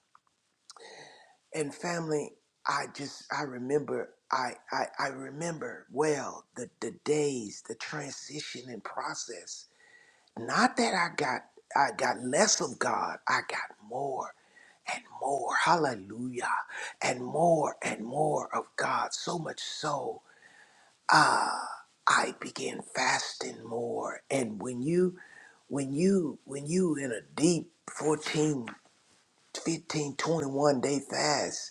E: and family i just i remember i i, I remember well the the days the transition and process not that I got I got less of God, I got more and more. Hallelujah. And more and more of God. So much so uh I began fasting more. And when you when you when you in a deep 14 15 21 day fast,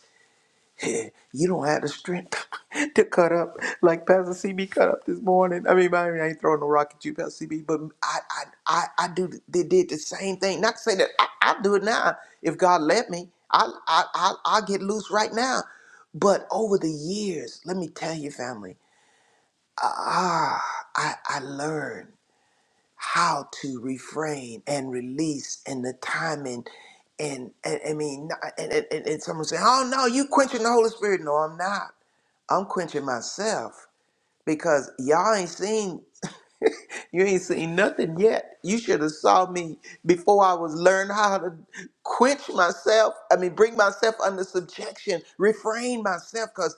E: you don't have the strength to cut up like Pastor CB cut up this morning. I mean, I, mean, I ain't throwing no rock at you, Pastor CB, but I, I, I, I do. They did the same thing. Not to say that I, I do it now. If God let me, I, I, I, I get loose right now. But over the years, let me tell you, family, ah, I, I learned how to refrain and release and the timing and, and I mean and, and, and and someone say, Oh no, you quenching the Holy Spirit. No, I'm not. I'm quenching myself because y'all ain't seen you ain't seen nothing yet. You should have saw me before I was learned how to quench myself. I mean bring myself under subjection, refrain myself because.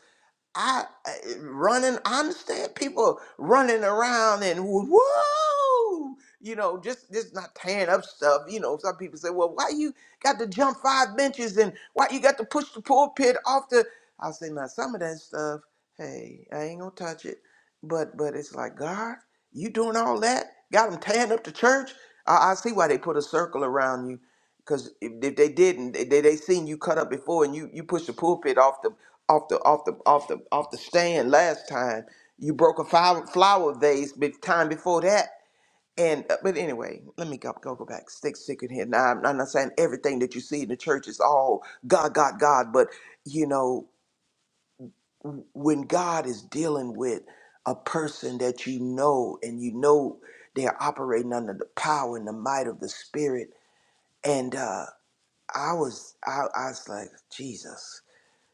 E: I I- running. I understand people running around and whoa, you know, just just not tearing up stuff. You know, some people say, "Well, why you got to jump five benches and why you got to push the pulpit off the?" I say, "Now some of that stuff, hey, I ain't gonna touch it." But but it's like God, you doing all that? Got them tearing up the church? I, I see why they put a circle around you Cause if, if they didn't, they, they they seen you cut up before, and you you pushed the pulpit off the off the off the off the off the stand last time. You broke a flower, flower vase the time before that. And uh, but anyway, let me go go, go back. Stick stick in here. Now I'm, I'm not saying everything that you see in the church is all God, God, God. But you know w- when God is dealing with a person that you know and you know they're operating under the power and the might of the Spirit, and uh, I was I, I was like Jesus.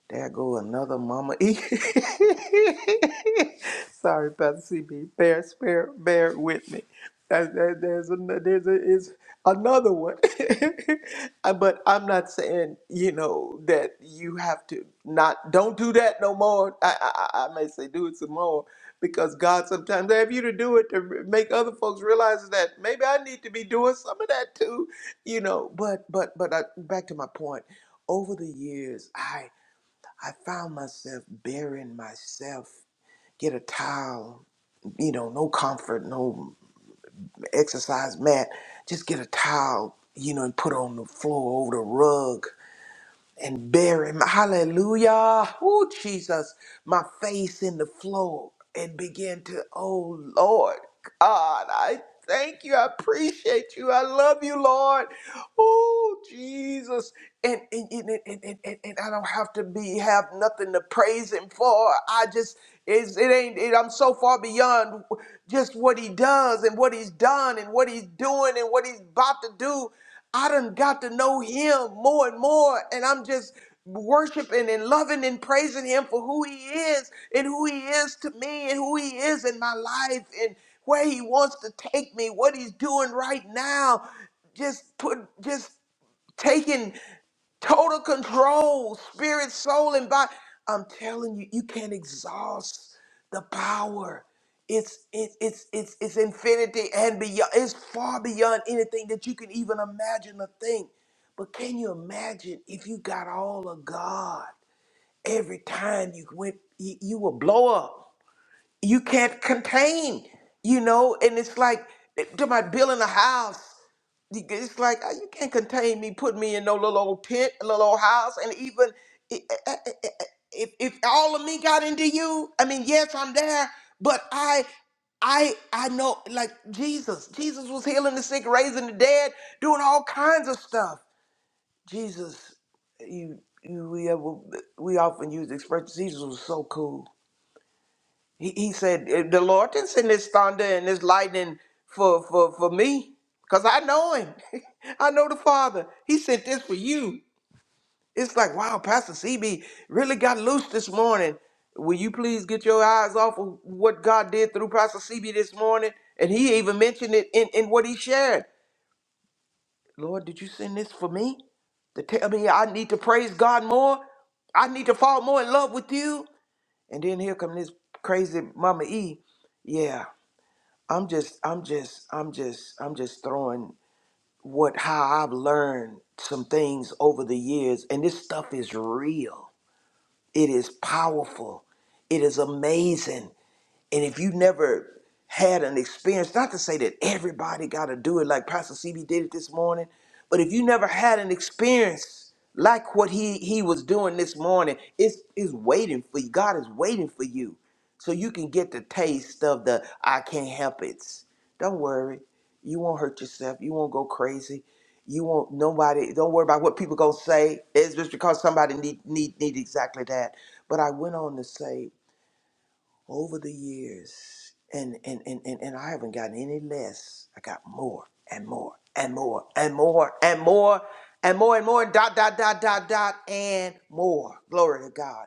E: There go another mama. E. Sorry, Pastor CB. Bear, bear, bear with me. That- that- There's an- there's a- is another one. Uh, but I'm not saying you know that you have to not don't do that no more. I, I I I may say do it some more because God sometimes have you to do it to re- make other folks realize that maybe I need to be doing some of that too. You know, but but but I, back to my point over the years, I found myself burying myself. Get a towel, you know, no comfort, no exercise mat. Just get a towel, you know, and put on the floor over the rug and bury my hallelujah. Oh, Jesus my face in the floor and begin to, oh Lord, God, I thank you. I appreciate you. I love you, Lord. Oh, Jesus. And, and, and, and, and, and and I don't have to be have nothing to praise him for. I just it's, it ain't it, I'm so far beyond just what he does and what he's done and what he's doing and what he's about to do. I done got to know him more and more, and I'm just worshiping and loving and praising him for who he is and who he is to me and who he is in my life and where he wants to take me, what he's doing right now. Just put just taking total control, spirit, soul, and body. I'm telling you, you can't exhaust the power. It's it's it's it's it's infinity and beyond. It's far beyond anything that you can even imagine or think. But can you imagine if you got all of God every time you went, you, you will blow up. You can't contain, you know. And it's like to my building a house. It's like uh, you can't contain me, put me in no little old tent, little old house, and even i- i- i- if if all of me got into you, I mean, yes, I'm there, but I. I I know like Jesus. Jesus was healing the sick, raising the dead, doing all kinds of stuff. Jesus, you, you we have, we often use the expression Jesus was so cool. He, he said, "Eh, The Lord didn't send this thunder and this lightning for, for, for me, because I know him. I know the Father. He sent this for you. It's like, wow, Pastor CB really got loose this morning. Will you please get your eyes off of what God did through Pastor CB this morning? And he even mentioned it in, in what he shared. Lord, did you send this for me? To tell me I need to praise God more? I need to fall more in love with you? And then here come this crazy Mama E. Yeah." I'm just, I'm just, I'm just, I'm just throwing what how I've learned some things over the years, and this stuff is real. It is powerful. It is amazing. And if you never had an experience, not to say that everybody got to do it like Pastor CB did it this morning, but if you never had an experience like what he he was doing this morning, it's is waiting for you. God is waiting for you, so you can get the taste of the I can't help it. Don't worry, you won't hurt yourself. You won't go crazy. You won't nobody. Don't worry about what people gonna say. It's just because somebody need need need exactly that. But I went on to say over the years and and, and and and i haven't gotten any less i got more and more and more and more and more and more and more dot dot dot dot dot and more glory to god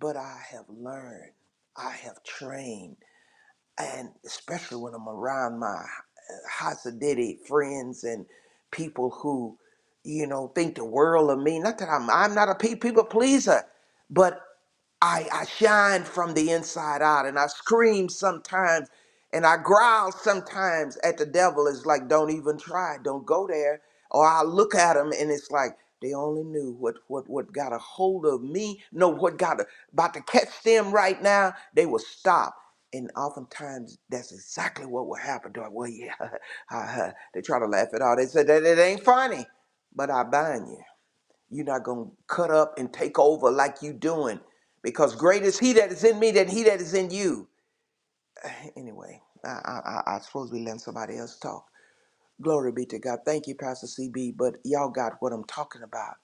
E: but i have learned i have trained and especially when i'm around my uh, hasidic friends and people who you know think the world of me not that i'm i'm not a pe- people pleaser but I, I shine from the inside out and I scream sometimes and I growl sometimes at the devil. It's like, don't even try, don't go there. Or I look at him and it's like, they only knew what, what, what got a hold of me. No, what got a, about to catch them right now, they will stop. And oftentimes that's exactly what will happen. They're like, Well, yeah, they try to laugh it off. They said that it ain't funny, but I bind you. You're not going to cut up and take over like you doing because great is he that is in me than he that is in you. Anyway, I, I, I I suppose we let somebody else talk. Glory be to God. Thank you, Pastor CB, but y'all got what I'm talking about.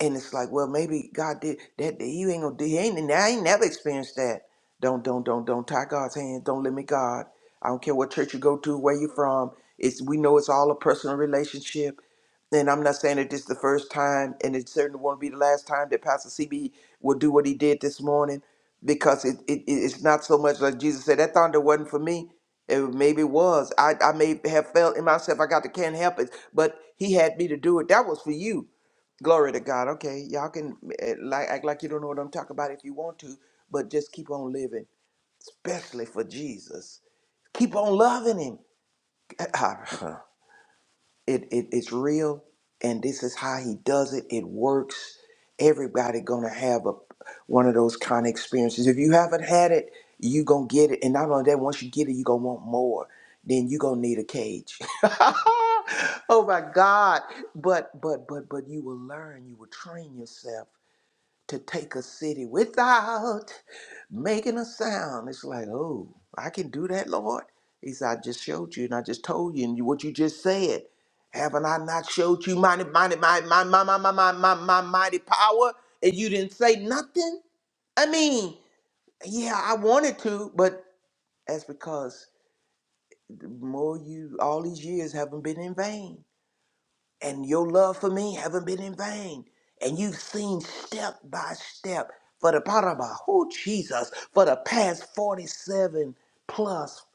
E: And it's like, well, maybe God did that. that You ain't gonna do. He ain't. I ain't never experienced that. Don't, don't, don't, don't tie God's hands. Don't limit God. I don't care what church you go to, where you from. It's we know it's all a personal relationship. And I'm not saying that this is the first time, and it certainly won't be the last time that Pastor CB will do what he did this morning, because it, it it's not so much like Jesus said that thunder wasn't for me. It maybe was. I I may have felt in myself. I got to can't help it, but He had me to do it. That was for you. Glory to God. Okay, y'all can eh, like act like you don't know what I'm talking about if you want to, but just keep on living, especially for Jesus. Keep on loving Him. It, it it's real, and this is how He does it. It works. Everybody gonna have a one of those kind of experiences. If you haven't had it, you gonna get it, and not only that, once you get it, you gonna want more. Then you gonna need a cage. oh my God! But but but but you will learn. You will train yourself to take a city without making a sound. It's like, oh, I can do that, Lord. He said, I just showed you and I just told you and you, what you just said. Haven't I not showed you mighty, mighty, mighty, my, my, my, my, my, my, my mighty power? And you didn't say nothing? I mean, yeah, I wanted to, but that's because the more you, all these years haven't been in vain and your love for me haven't been in vain. And you've seen step by step for the Paraba, oh Jesus, for the past 47 plus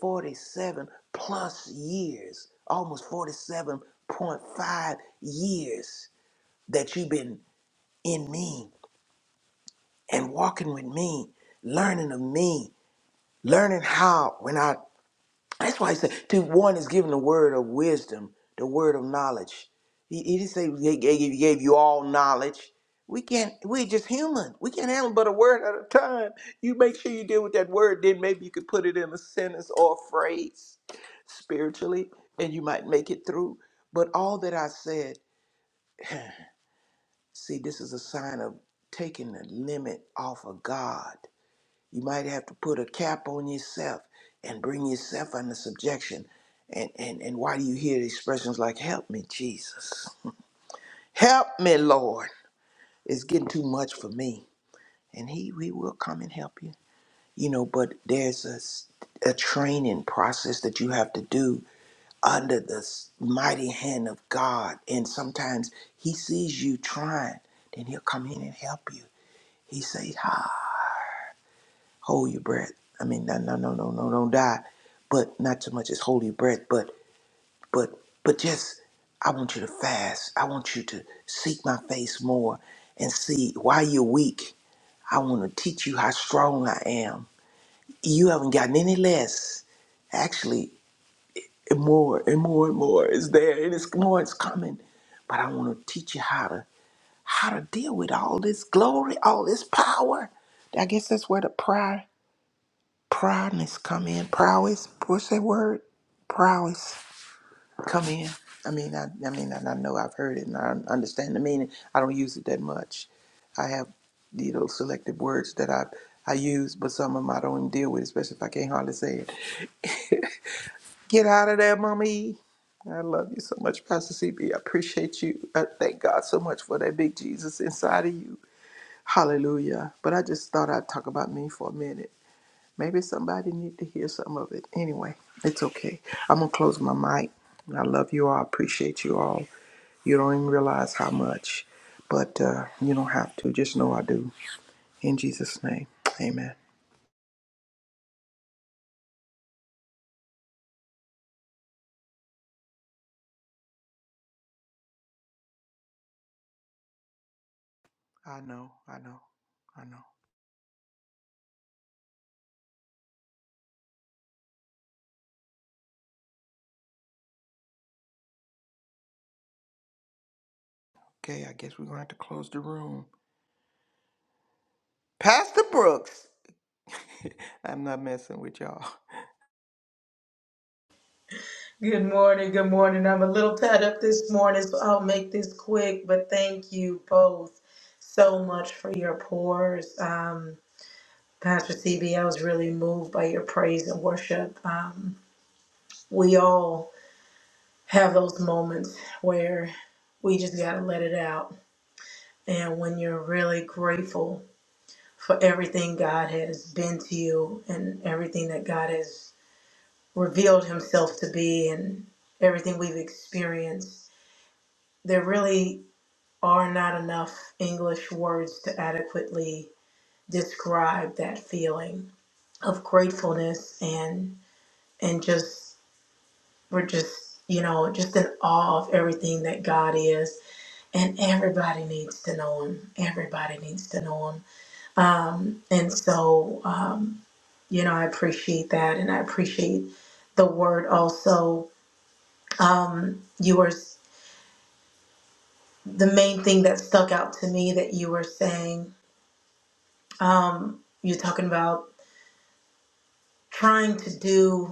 E: 47 plus years, almost 47.5 years that you've been in me and walking with me, learning of me, learning how when I That's why he said to one is given the word of wisdom, the word of knowledge. He, he didn't say he gave, he gave you all knowledge. We can't. We're just human. We can't handle but a word at a time. You make sure you deal with that word, then maybe you could put it in a sentence or a phrase spiritually, and you might make it through. But all that I said, see, this is a sign of taking the limit off of God. You might have to put a cap on yourself and bring yourself under subjection. And, and, and why do you hear expressions like, help me, Jesus? Help me, Lord. It's getting too much for me. And he, he will come and help you. You know, but there's a, s- a training process that you have to do under the s- mighty hand of God. And sometimes he sees you trying, then he'll come in and help you. He says, hold your breath. I mean, no, no, no, no, no, don't die, but not so much as hold your breath, but, but, but just, I want you to fast. I want you to seek my face more and see why you're weak. I want to teach you how strong I am. You haven't gotten any less. Actually, and more and more and more is there, and it's more it's coming. But I want to teach you how to how to deal with all this glory, all this power. I guess that's where the prayer proudness come in. Prowess, what's that word? Prowess come in. I mean, I, I mean, and I know I've heard it and I understand the meaning. I don't use it that much. I have, you know, selective words that I I use, but some of them I don't even deal with, especially if I can't hardly say it. Get out of there, mommy. I love you so much, Pastor CB. I appreciate you. I thank God so much for that big Jesus inside of you. Hallelujah. But I just thought I'd talk about me for a minute. Maybe somebody need to hear some of it. Anyway, it's okay. I'm gonna close my mic. I love you all. I appreciate you all. You don't even realize how much, but uh, you don't have to. Just know I do. In Jesus' name, Amen. I know. I know. I know. Okay, I guess we're gonna have to close the room. Pastor Brooks, I'm not messing with y'all.
C: Good morning. Good morning. I'm a little tied up this morning, so I'll make this quick, but thank you both so much for your pours. Pastor CB, I was really moved by your praise and worship. Um, we all have those moments where we just got to let it out. And when you're really grateful for everything God has been to you and everything that God has revealed Himself to be and everything we've experienced, there really are not enough English words to adequately describe that feeling of gratefulness and and just We're just, you know, just in awe of everything that God is. And everybody needs to know Him. Everybody needs to know Him. Um, and so, um, you know, I appreciate that. And I appreciate the word also. Um, you were, the main thing that stuck out to me that you were saying, um, you're talking about trying to do.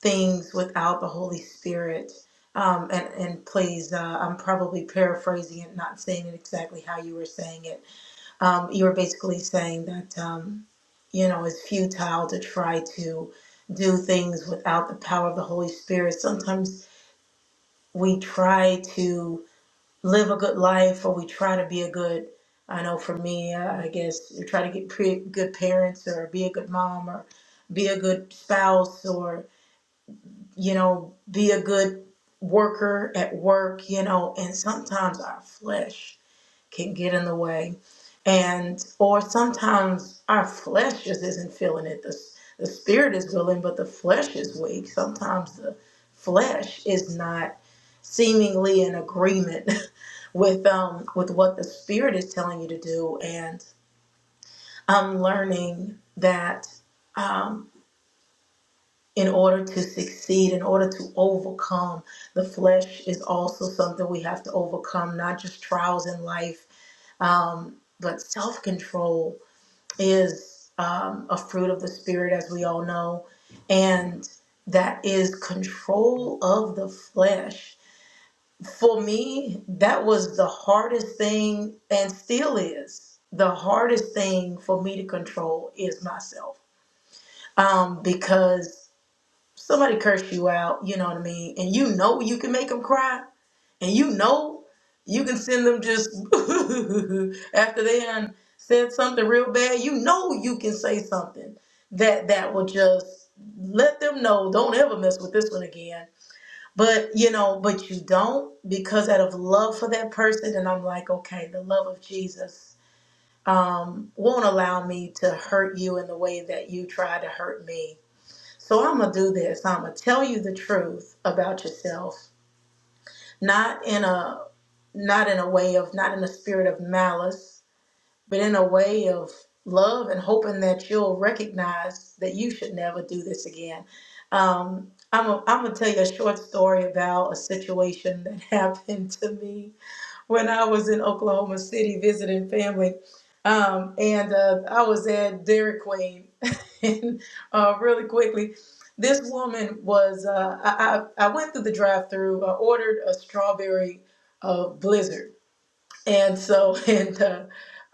C: things without the Holy Spirit. Um, and, and please, uh, I'm probably paraphrasing it, not saying it exactly how you were saying it. Um, you were basically saying that, um, you know, it's futile to try to do things without the power of the Holy Spirit. Sometimes we try to live a good life or we try to be a good, I know for me, uh, I guess, you try to get pre- good parents or be a good mom or be a good spouse or you know, be a good worker at work, you know, and sometimes our flesh can get in the way. And, or sometimes our flesh just isn't feeling it. The, the spirit is willing, but the flesh is weak. Sometimes the flesh is not seemingly in agreement with um with what the spirit is telling you to do and i'm learning that um in order to succeed, in order to overcome. The flesh is also something we have to overcome, not just trials in life, um, but self control is um, a fruit of the Spirit, as we all know. And that is control of the flesh. For me, that was the hardest thing and still is. The hardest thing for me to control is myself um, because somebody curse you out, you know what I mean, and you know you can make them cry, and you know you can send them just after they done said something real bad, you know you can say something that that will just let them know don't ever mess with this one again. But you know, but you don't because out of love for that person, and I'm like, okay, the love of Jesus um, won't allow me to hurt you in the way that you try to hurt me so I'm gonna do this. I'm gonna tell you the truth about yourself, not in a not in a way of not in a spirit of malice, but in a way of love and hoping that you'll recognize that you should never do this again. Um, I'm i I'm gonna tell you a short story about a situation that happened to me when I was in Oklahoma City visiting family. Um, and uh, I was at Dairy Queen. and uh, really quickly, this woman was, uh, I, I, I went through the drive through, I ordered a strawberry uh, blizzard. And so, and uh,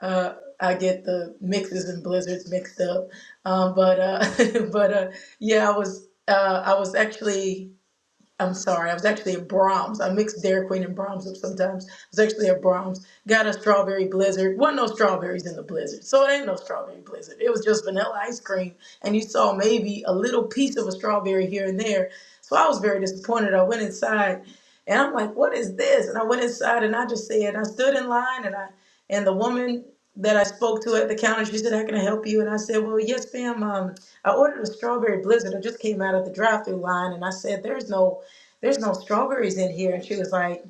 C: uh, I get the mixes and blizzards mixed up. Um, but uh, but uh, yeah, I was uh, I was actually I'm sorry. I was actually at Brahms. I mixed Dairy Queen and Brahms up sometimes. I was actually at Brahms. Got a strawberry blizzard. Wasn't no strawberries in the blizzard, so it ain't no strawberry blizzard. It was just vanilla ice cream, and you saw maybe a little piece of a strawberry here and there. So I was very disappointed. I went inside, and I'm like, "What is this?" And I went inside, and I just said, I stood in line, and I and the woman that I spoke to at the counter, she said, "How can I help you?" And I said, "Well, yes, ma'am. Um, I ordered a strawberry blizzard. I just came out of the drive-through line, and I said, "There's no." there's no strawberries in here. And she was like,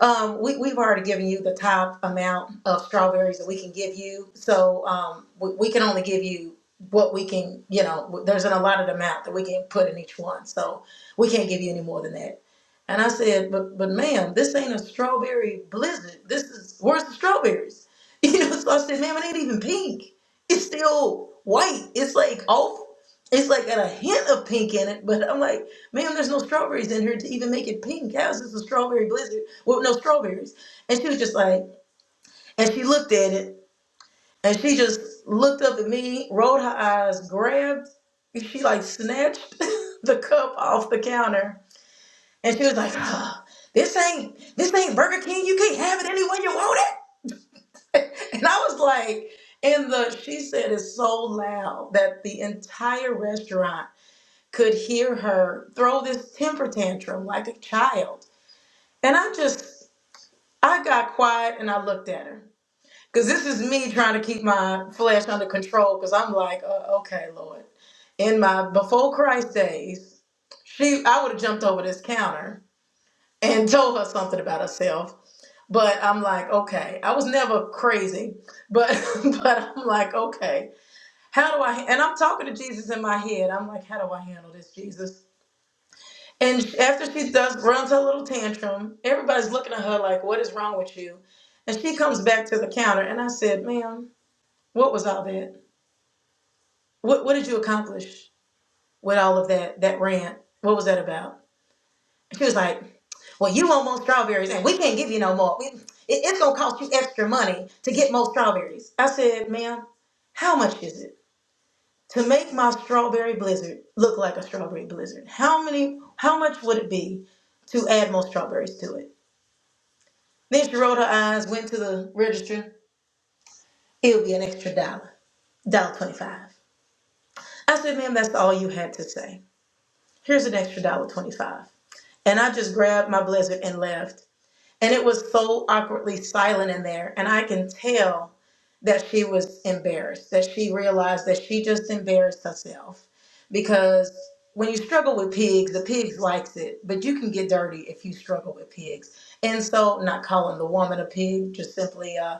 C: um, we, we've already given you the top amount of strawberries that we can give you. So um, we, we can only give you what we can, you know, there's an allotted amount that we can put in each one. So we can't give you any more than that. And I said, but, but ma'am, this ain't a strawberry blizzard. This is, where's the strawberries? You know, so I said, ma'am, it ain't even pink. It's still white. It's like off. It's like got a hint of pink in it, but I'm like, Ma'am, there's no strawberries in here to even make it pink. How is this a strawberry blizzard with no strawberries? And she was just like, and she looked at it, and she just looked up at me, rolled her eyes, grabbed, she like snatched the cup off the counter, and she was like, "Ah, this ain't this ain't Burger King. You can't have it any way you want it. And I was like, and the she said it so loud that the entire restaurant could hear her throw this temper tantrum like a child And I just, I got quiet and I looked at her. Because this is me trying to keep my flesh under control. Because I'm like, uh, okay, Lord. In my before Christ days, she, I would have jumped over this counter and told her something about herself. But I'm like, okay, I was never crazy, but but I'm like, okay, how do I? And I'm talking to Jesus in my head. I'm like, how do I handle this, Jesus? And after she does runs her little tantrum, everybody's looking at her like, "What is wrong with you?" And she comes back to the counter, and I said, "Ma'am, what was all that? What What did you accomplish with all of that that rant? What was that about?" she was like, "Well, you want more strawberries, and we can't give you no more. We, it, it's gonna cost you extra money to get more strawberries." I said, "Ma'am, how much is it to make my strawberry blizzard look like a strawberry blizzard? How many? How much would it be to add more strawberries to it?" Then she rolled her eyes, went to the register. It'll be an extra dollar, dollar twenty-five. I said, ma'am, that's all you had to say. Here's an extra dollar twenty-five. And I just grabbed my blizzard and left. And it was so awkwardly silent in there, and I can tell that she was embarrassed, that she realized that she just embarrassed herself. Because when you struggle with pigs, the pigs likes it, but you can get dirty if you struggle with pigs. And so, not calling the woman a pig, just simply uh,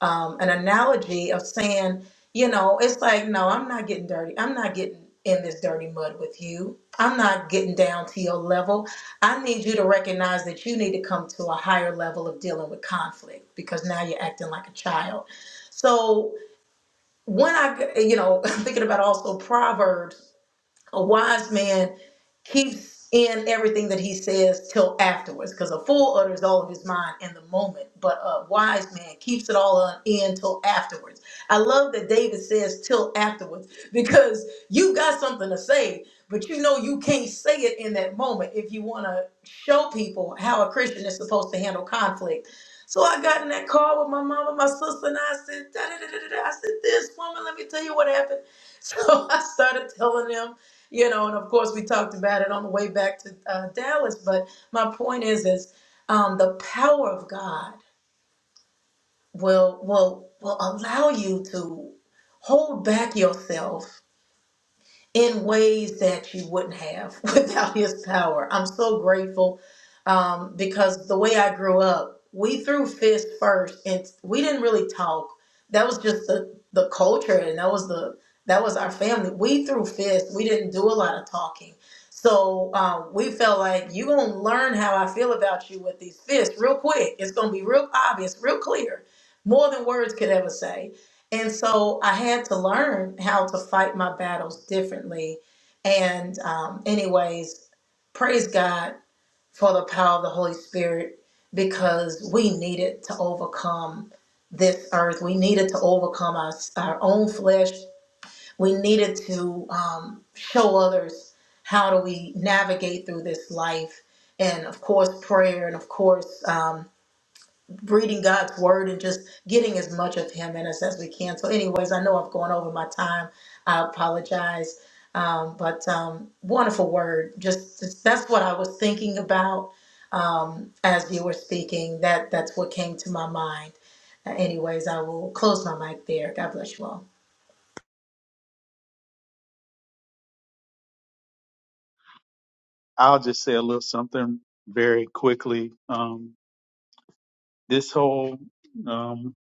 C: um, an analogy of saying, you know, it's like, no, I'm not getting dirty. I'm not getting in this dirty mud with you. I'm not getting down to your level. I need you to recognize that you need to come to a higher level of dealing with conflict because now you're acting like a child so when I, you know, I'm thinking about also Proverbs a wise man keeps in everything that he says till afterwards, because a fool utters all of his mind in the moment, but a wise man keeps it all on- in till afterwards. I love that David says till afterwards, because you got something to say, but you know you can't say it in that moment if you want to show people how a Christian is supposed to handle conflict. So I got in that car with my mom and my sister, and I said, da, da, da, da. da. I said, this woman, let me tell you what happened. So I started telling them you know, and of course we talked about it on the way back to uh, Dallas. But my point is, is um, the power of God will will will allow you to hold back yourself in ways that you wouldn't have without his power. I'm so grateful um, because the way I grew up, we threw fists first, and we didn't really talk. That was just the the culture, and that was the that was our family. We threw fists. We didn't do a lot of talking. So um, we felt like you're gonna learn how I feel about you with these fists real quick. It's gonna be real obvious, real clear, more than words could ever say. And so I had to learn how to fight my battles differently. And, um, anyways, praise God for the power of the Holy Spirit because we needed to overcome this earth. We needed to overcome our, our own flesh. We needed to um, show others how do we navigate through this life. And of course, prayer, and of course, um, reading God's word and just getting as much of Him in us as we can. So, anyways, I know I've gone over my time. I apologize, um, but um, wonderful word. Just just- that's what I was thinking about um, as you were speaking. That that's what came to my mind. Uh, anyways, I will close my mic there. God bless you all.
D: I'll just say a little something very quickly. Um, this whole um,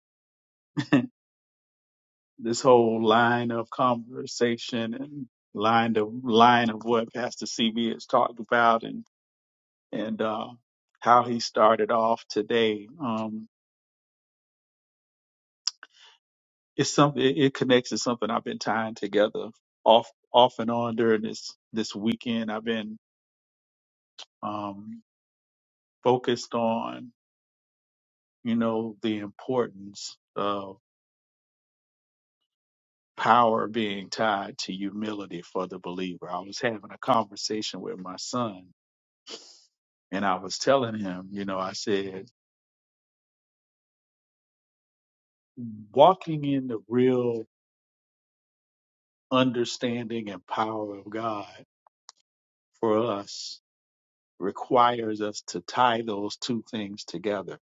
D: this whole line of conversation and line of line of what Pastor CB has talked about and and uh, how he started off today. Um, it's something it, it connects to something I've been tying together off off and on during this this weekend. I've been um, focused on you know, the importance of power being tied to humility for the believer. I was having a conversation with my son and I was telling him, you know, I said, walking in the real understanding and power of God for us requires us to tie those two things together.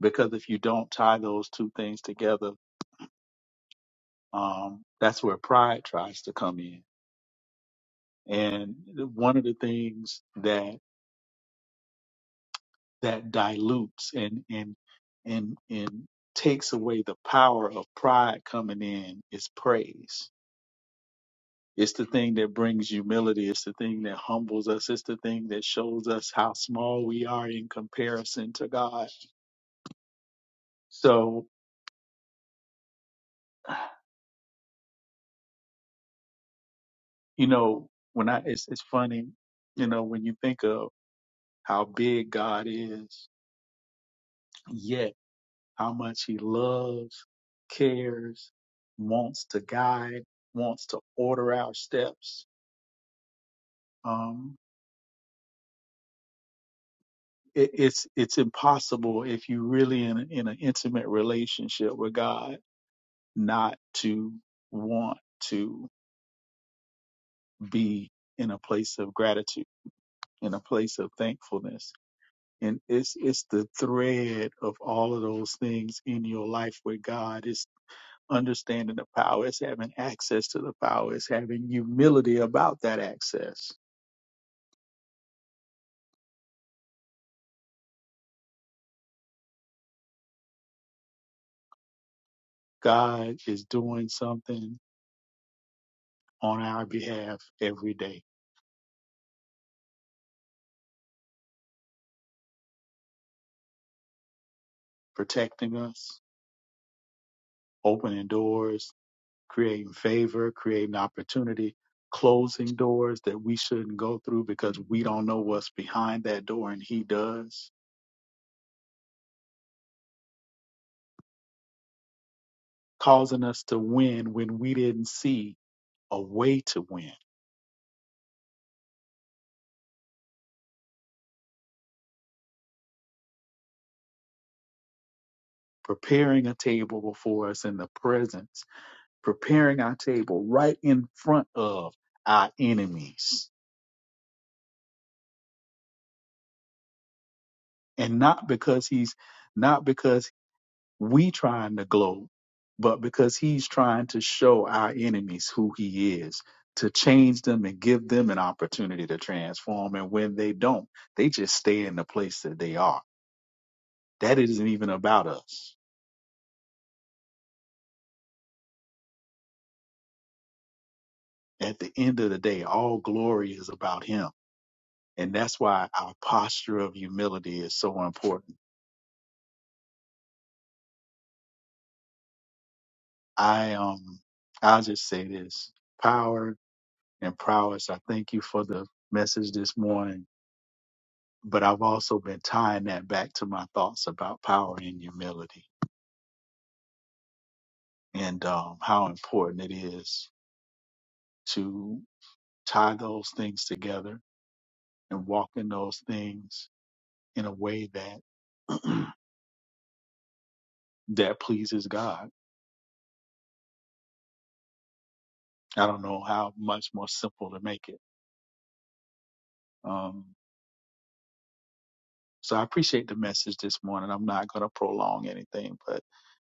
D: Because if you don't tie those two things together, um, that's where pride tries to come in. And one of the things that that dilutes and and and and takes away the power of pride coming in is praise. It's the thing that brings humility. It's the thing that humbles us. It's the thing that shows us how small we are in comparison to God. So, you know, when I it's it's funny, you know, when you think of how big God is, yet how much he loves, cares, wants to guide, wants to order our steps um, it, it's it's impossible if you really in a, in an intimate relationship with God not to want to be in a place of gratitude, in a place of thankfulness, and it's it's the thread of all of those things in your life with God. It's understanding the power, it's having access to the power, it's having humility about that access. God is doing something on our behalf every day, protecting us opening doors, creating favor, creating opportunity, closing doors that we shouldn't go through because we don't know what's behind that door and He does, causing us to win when we didn't see a way to win, preparing a table before us in the presence, preparing our table right in front of our enemies. And not because he's not because we trying to glow, but because he's trying to show our enemies who he is, to change them and give them an opportunity to transform. And when they don't, they just stay in the place that they are. That isn't even about us. At the end of the day, all glory is about him. And that's why our posture of humility is so important. I um I'll just say this. Power and prowess, I thank you for the message this morning but I've also been tying that back to my thoughts about power and humility and um, how important it is to tie those things together and walk in those things in a way that that pleases God. I don't know how much more simple to make it. Um, so I appreciate the message this morning. I'm not going to prolong anything, but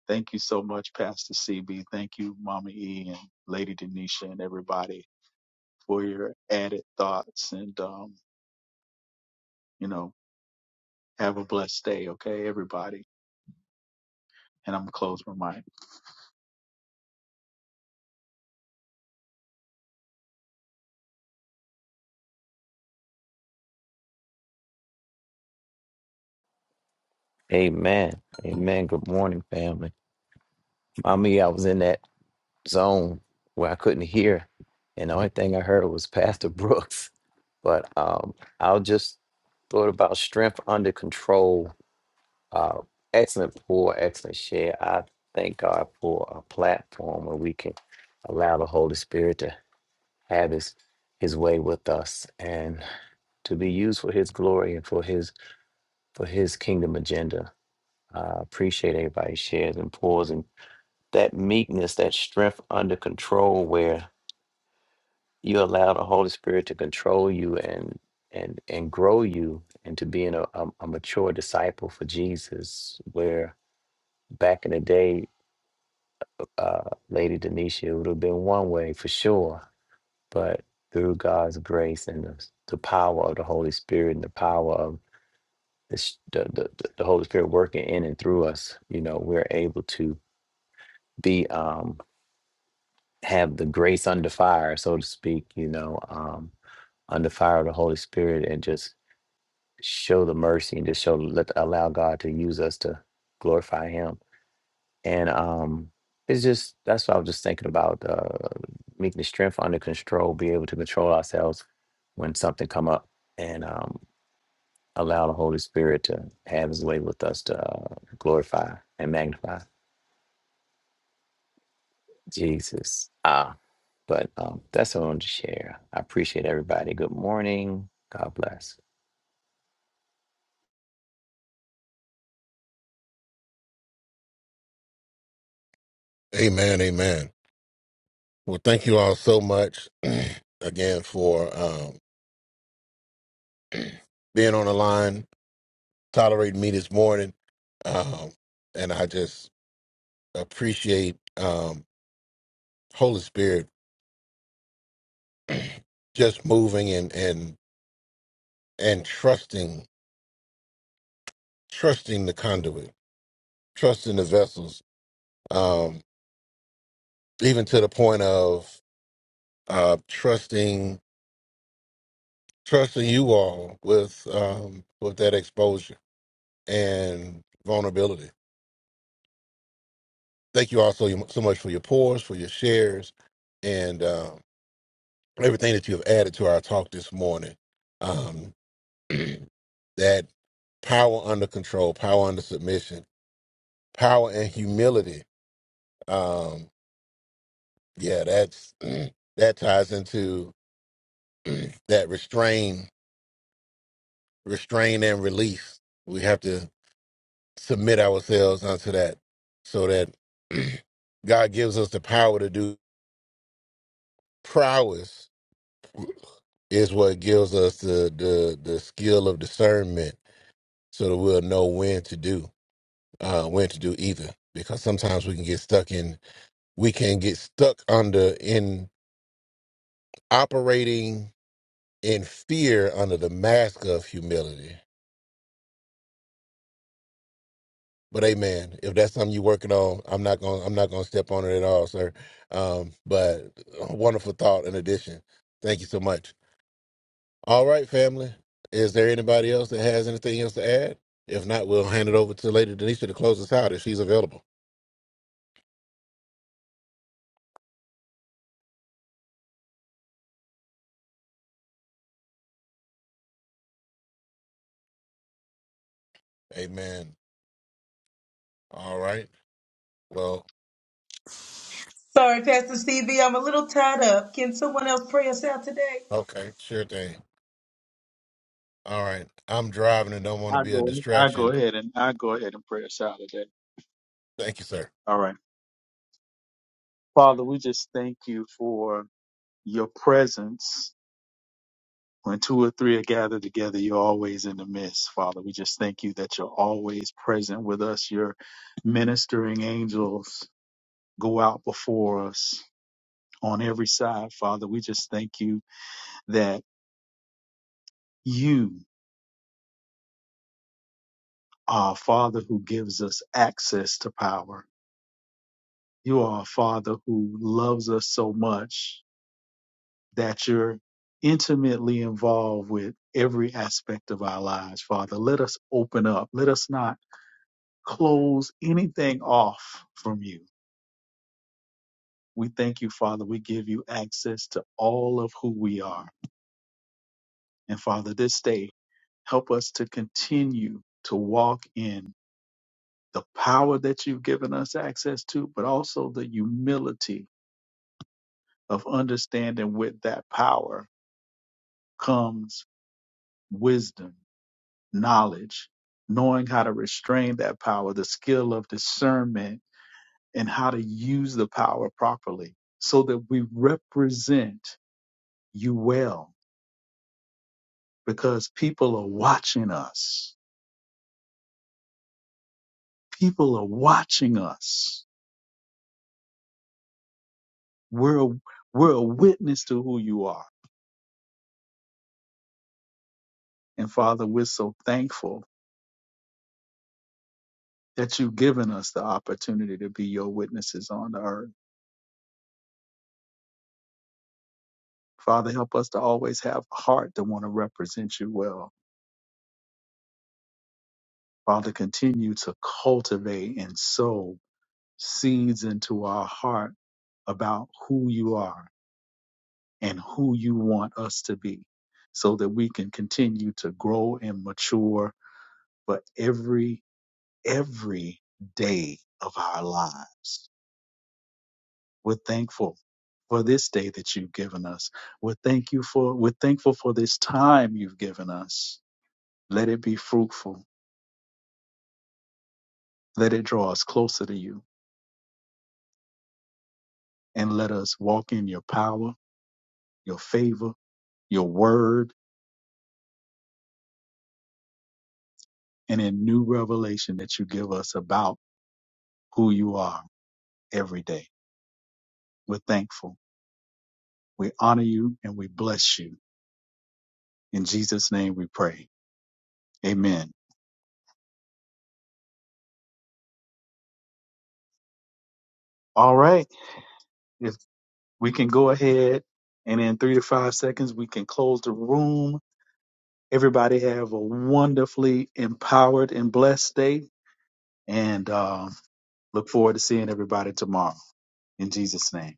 D: thank you so much, Pastor CB. Thank you, Mama E and Lady Denisha and everybody for your added thoughts and um, You know, have a blessed day, okay, everybody. And I'm gonna close my mic.
F: Amen. Amen. Good morning, family. Mommy, I was in that zone where I couldn't hear, and the only thing I heard was Pastor Brooks. But um, I'll just thought about strength under control. Uh, excellent pour, excellent share. I thank God for a platform where we can allow the Holy Spirit to have His His way with us and to be used for His glory and for His for His kingdom agenda. I appreciate everybody's shares and pours that meekness, that strength under control where you allow the Holy Spirit to control you and and and grow you into being a, a, a mature disciple for Jesus. Where back in the day, uh, Lady Denisha, it would have been one way for sure, but through God's grace and the, the power of the Holy Spirit and the power of the, s- the, the, the Holy Spirit working in and through us, you know, we're able to be um, have the grace under fire, so to speak, you know, um, under fire of the Holy Spirit and just show the mercy and just show let allow God to use us to glorify him. And um it's just that's what I was just thinking about uh meekness, strength under control, be able to control ourselves when something come up and um allow the Holy Spirit to have his way with us to uh, glorify and magnify Jesus. Ah. But um, that's what I wanted to share. I appreciate everybody. Good morning. God bless.
B: Amen, amen. Well, thank you all so much again for um, being on the line, tolerating me this morning, um, and I just appreciate um, Holy Spirit just moving and and and trusting, trusting the conduit, trusting the vessels um, even to the point of uh, trusting trusting you all with um, with that exposure and vulnerability. Thank you all so, so much for your pours, for your shares, and um, everything that you have added to our talk this morning. Um, that power under control, power under submission, power and humility. Um, yeah, that's that ties into that restraint restrain and release. We have to submit ourselves unto that so that God gives us the power to do prowess is what gives us the the the skill of discernment so that we'll know when to do uh when to do either because sometimes we can get stuck in we can get stuck under in operating in fear under the mask of humility But amen. If that's something you're working on, I'm not going. to I'm not going to step on it at all, sir. Um, but a wonderful thought. In addition, thank you so much. All right, family. Is there anybody else that has anything else to add? If not, we'll hand it over to Lady Denisha to close us out if she's available. Amen. All right. Well,
C: Sorry, Pastor Stevie, I'm a little tied up. Can someone else pray us out today?
B: okay, sure thing. All right. I'm driving and don't want to
D: I
B: be a
D: go, I go
B: distraction.
D: ahead and I go ahead and pray us out today.
B: Thank you, sir.
D: All right, Father, we just thank you for your presence. When two or three are gathered together, you're always in the midst, Father. We just thank you that you're always present with us. Your ministering angels go out before us on every side, Father. We just thank you that you are Father who gives us access to power. You are a father who loves us so much that you're intimately involved with every aspect of our lives, Father. Let us open up. Let us not close anything off from you. We thank you, Father. We give you access to all of who we are. And Father, this day, help us to continue to walk in the power that you've given us access to, but also the humility of understanding with that power comes. wisdom, knowledge, knowing how to restrain that power, the skill of discernment, and how to use the power properly so that we represent you well because people are watching us. People are watching us. We're a, we're a witness to who you are. And Father, we're so thankful that you've given us the opportunity to be your witnesses on the earth. Father, help us to always have a heart to want to represent you well Father, continue to cultivate and sow seeds into our heart about who you are and who you want us to be so that we can continue to grow and mature for every, every day of our lives. We're thankful for this day that you've given us. We're thank you for, we're thankful for this time you've given us. Let it be fruitful. Let it draw us closer to you and let us walk in your power your favor, your word, and a new revelation that you give us about who you are every day. We're thankful. We honor you and we bless you. In Jesus' name we pray. Amen. All right. If we can go ahead and in three to five seconds, we can close the room. Everybody have a wonderfully empowered and blessed day and um, look forward to seeing everybody tomorrow. In Jesus' name.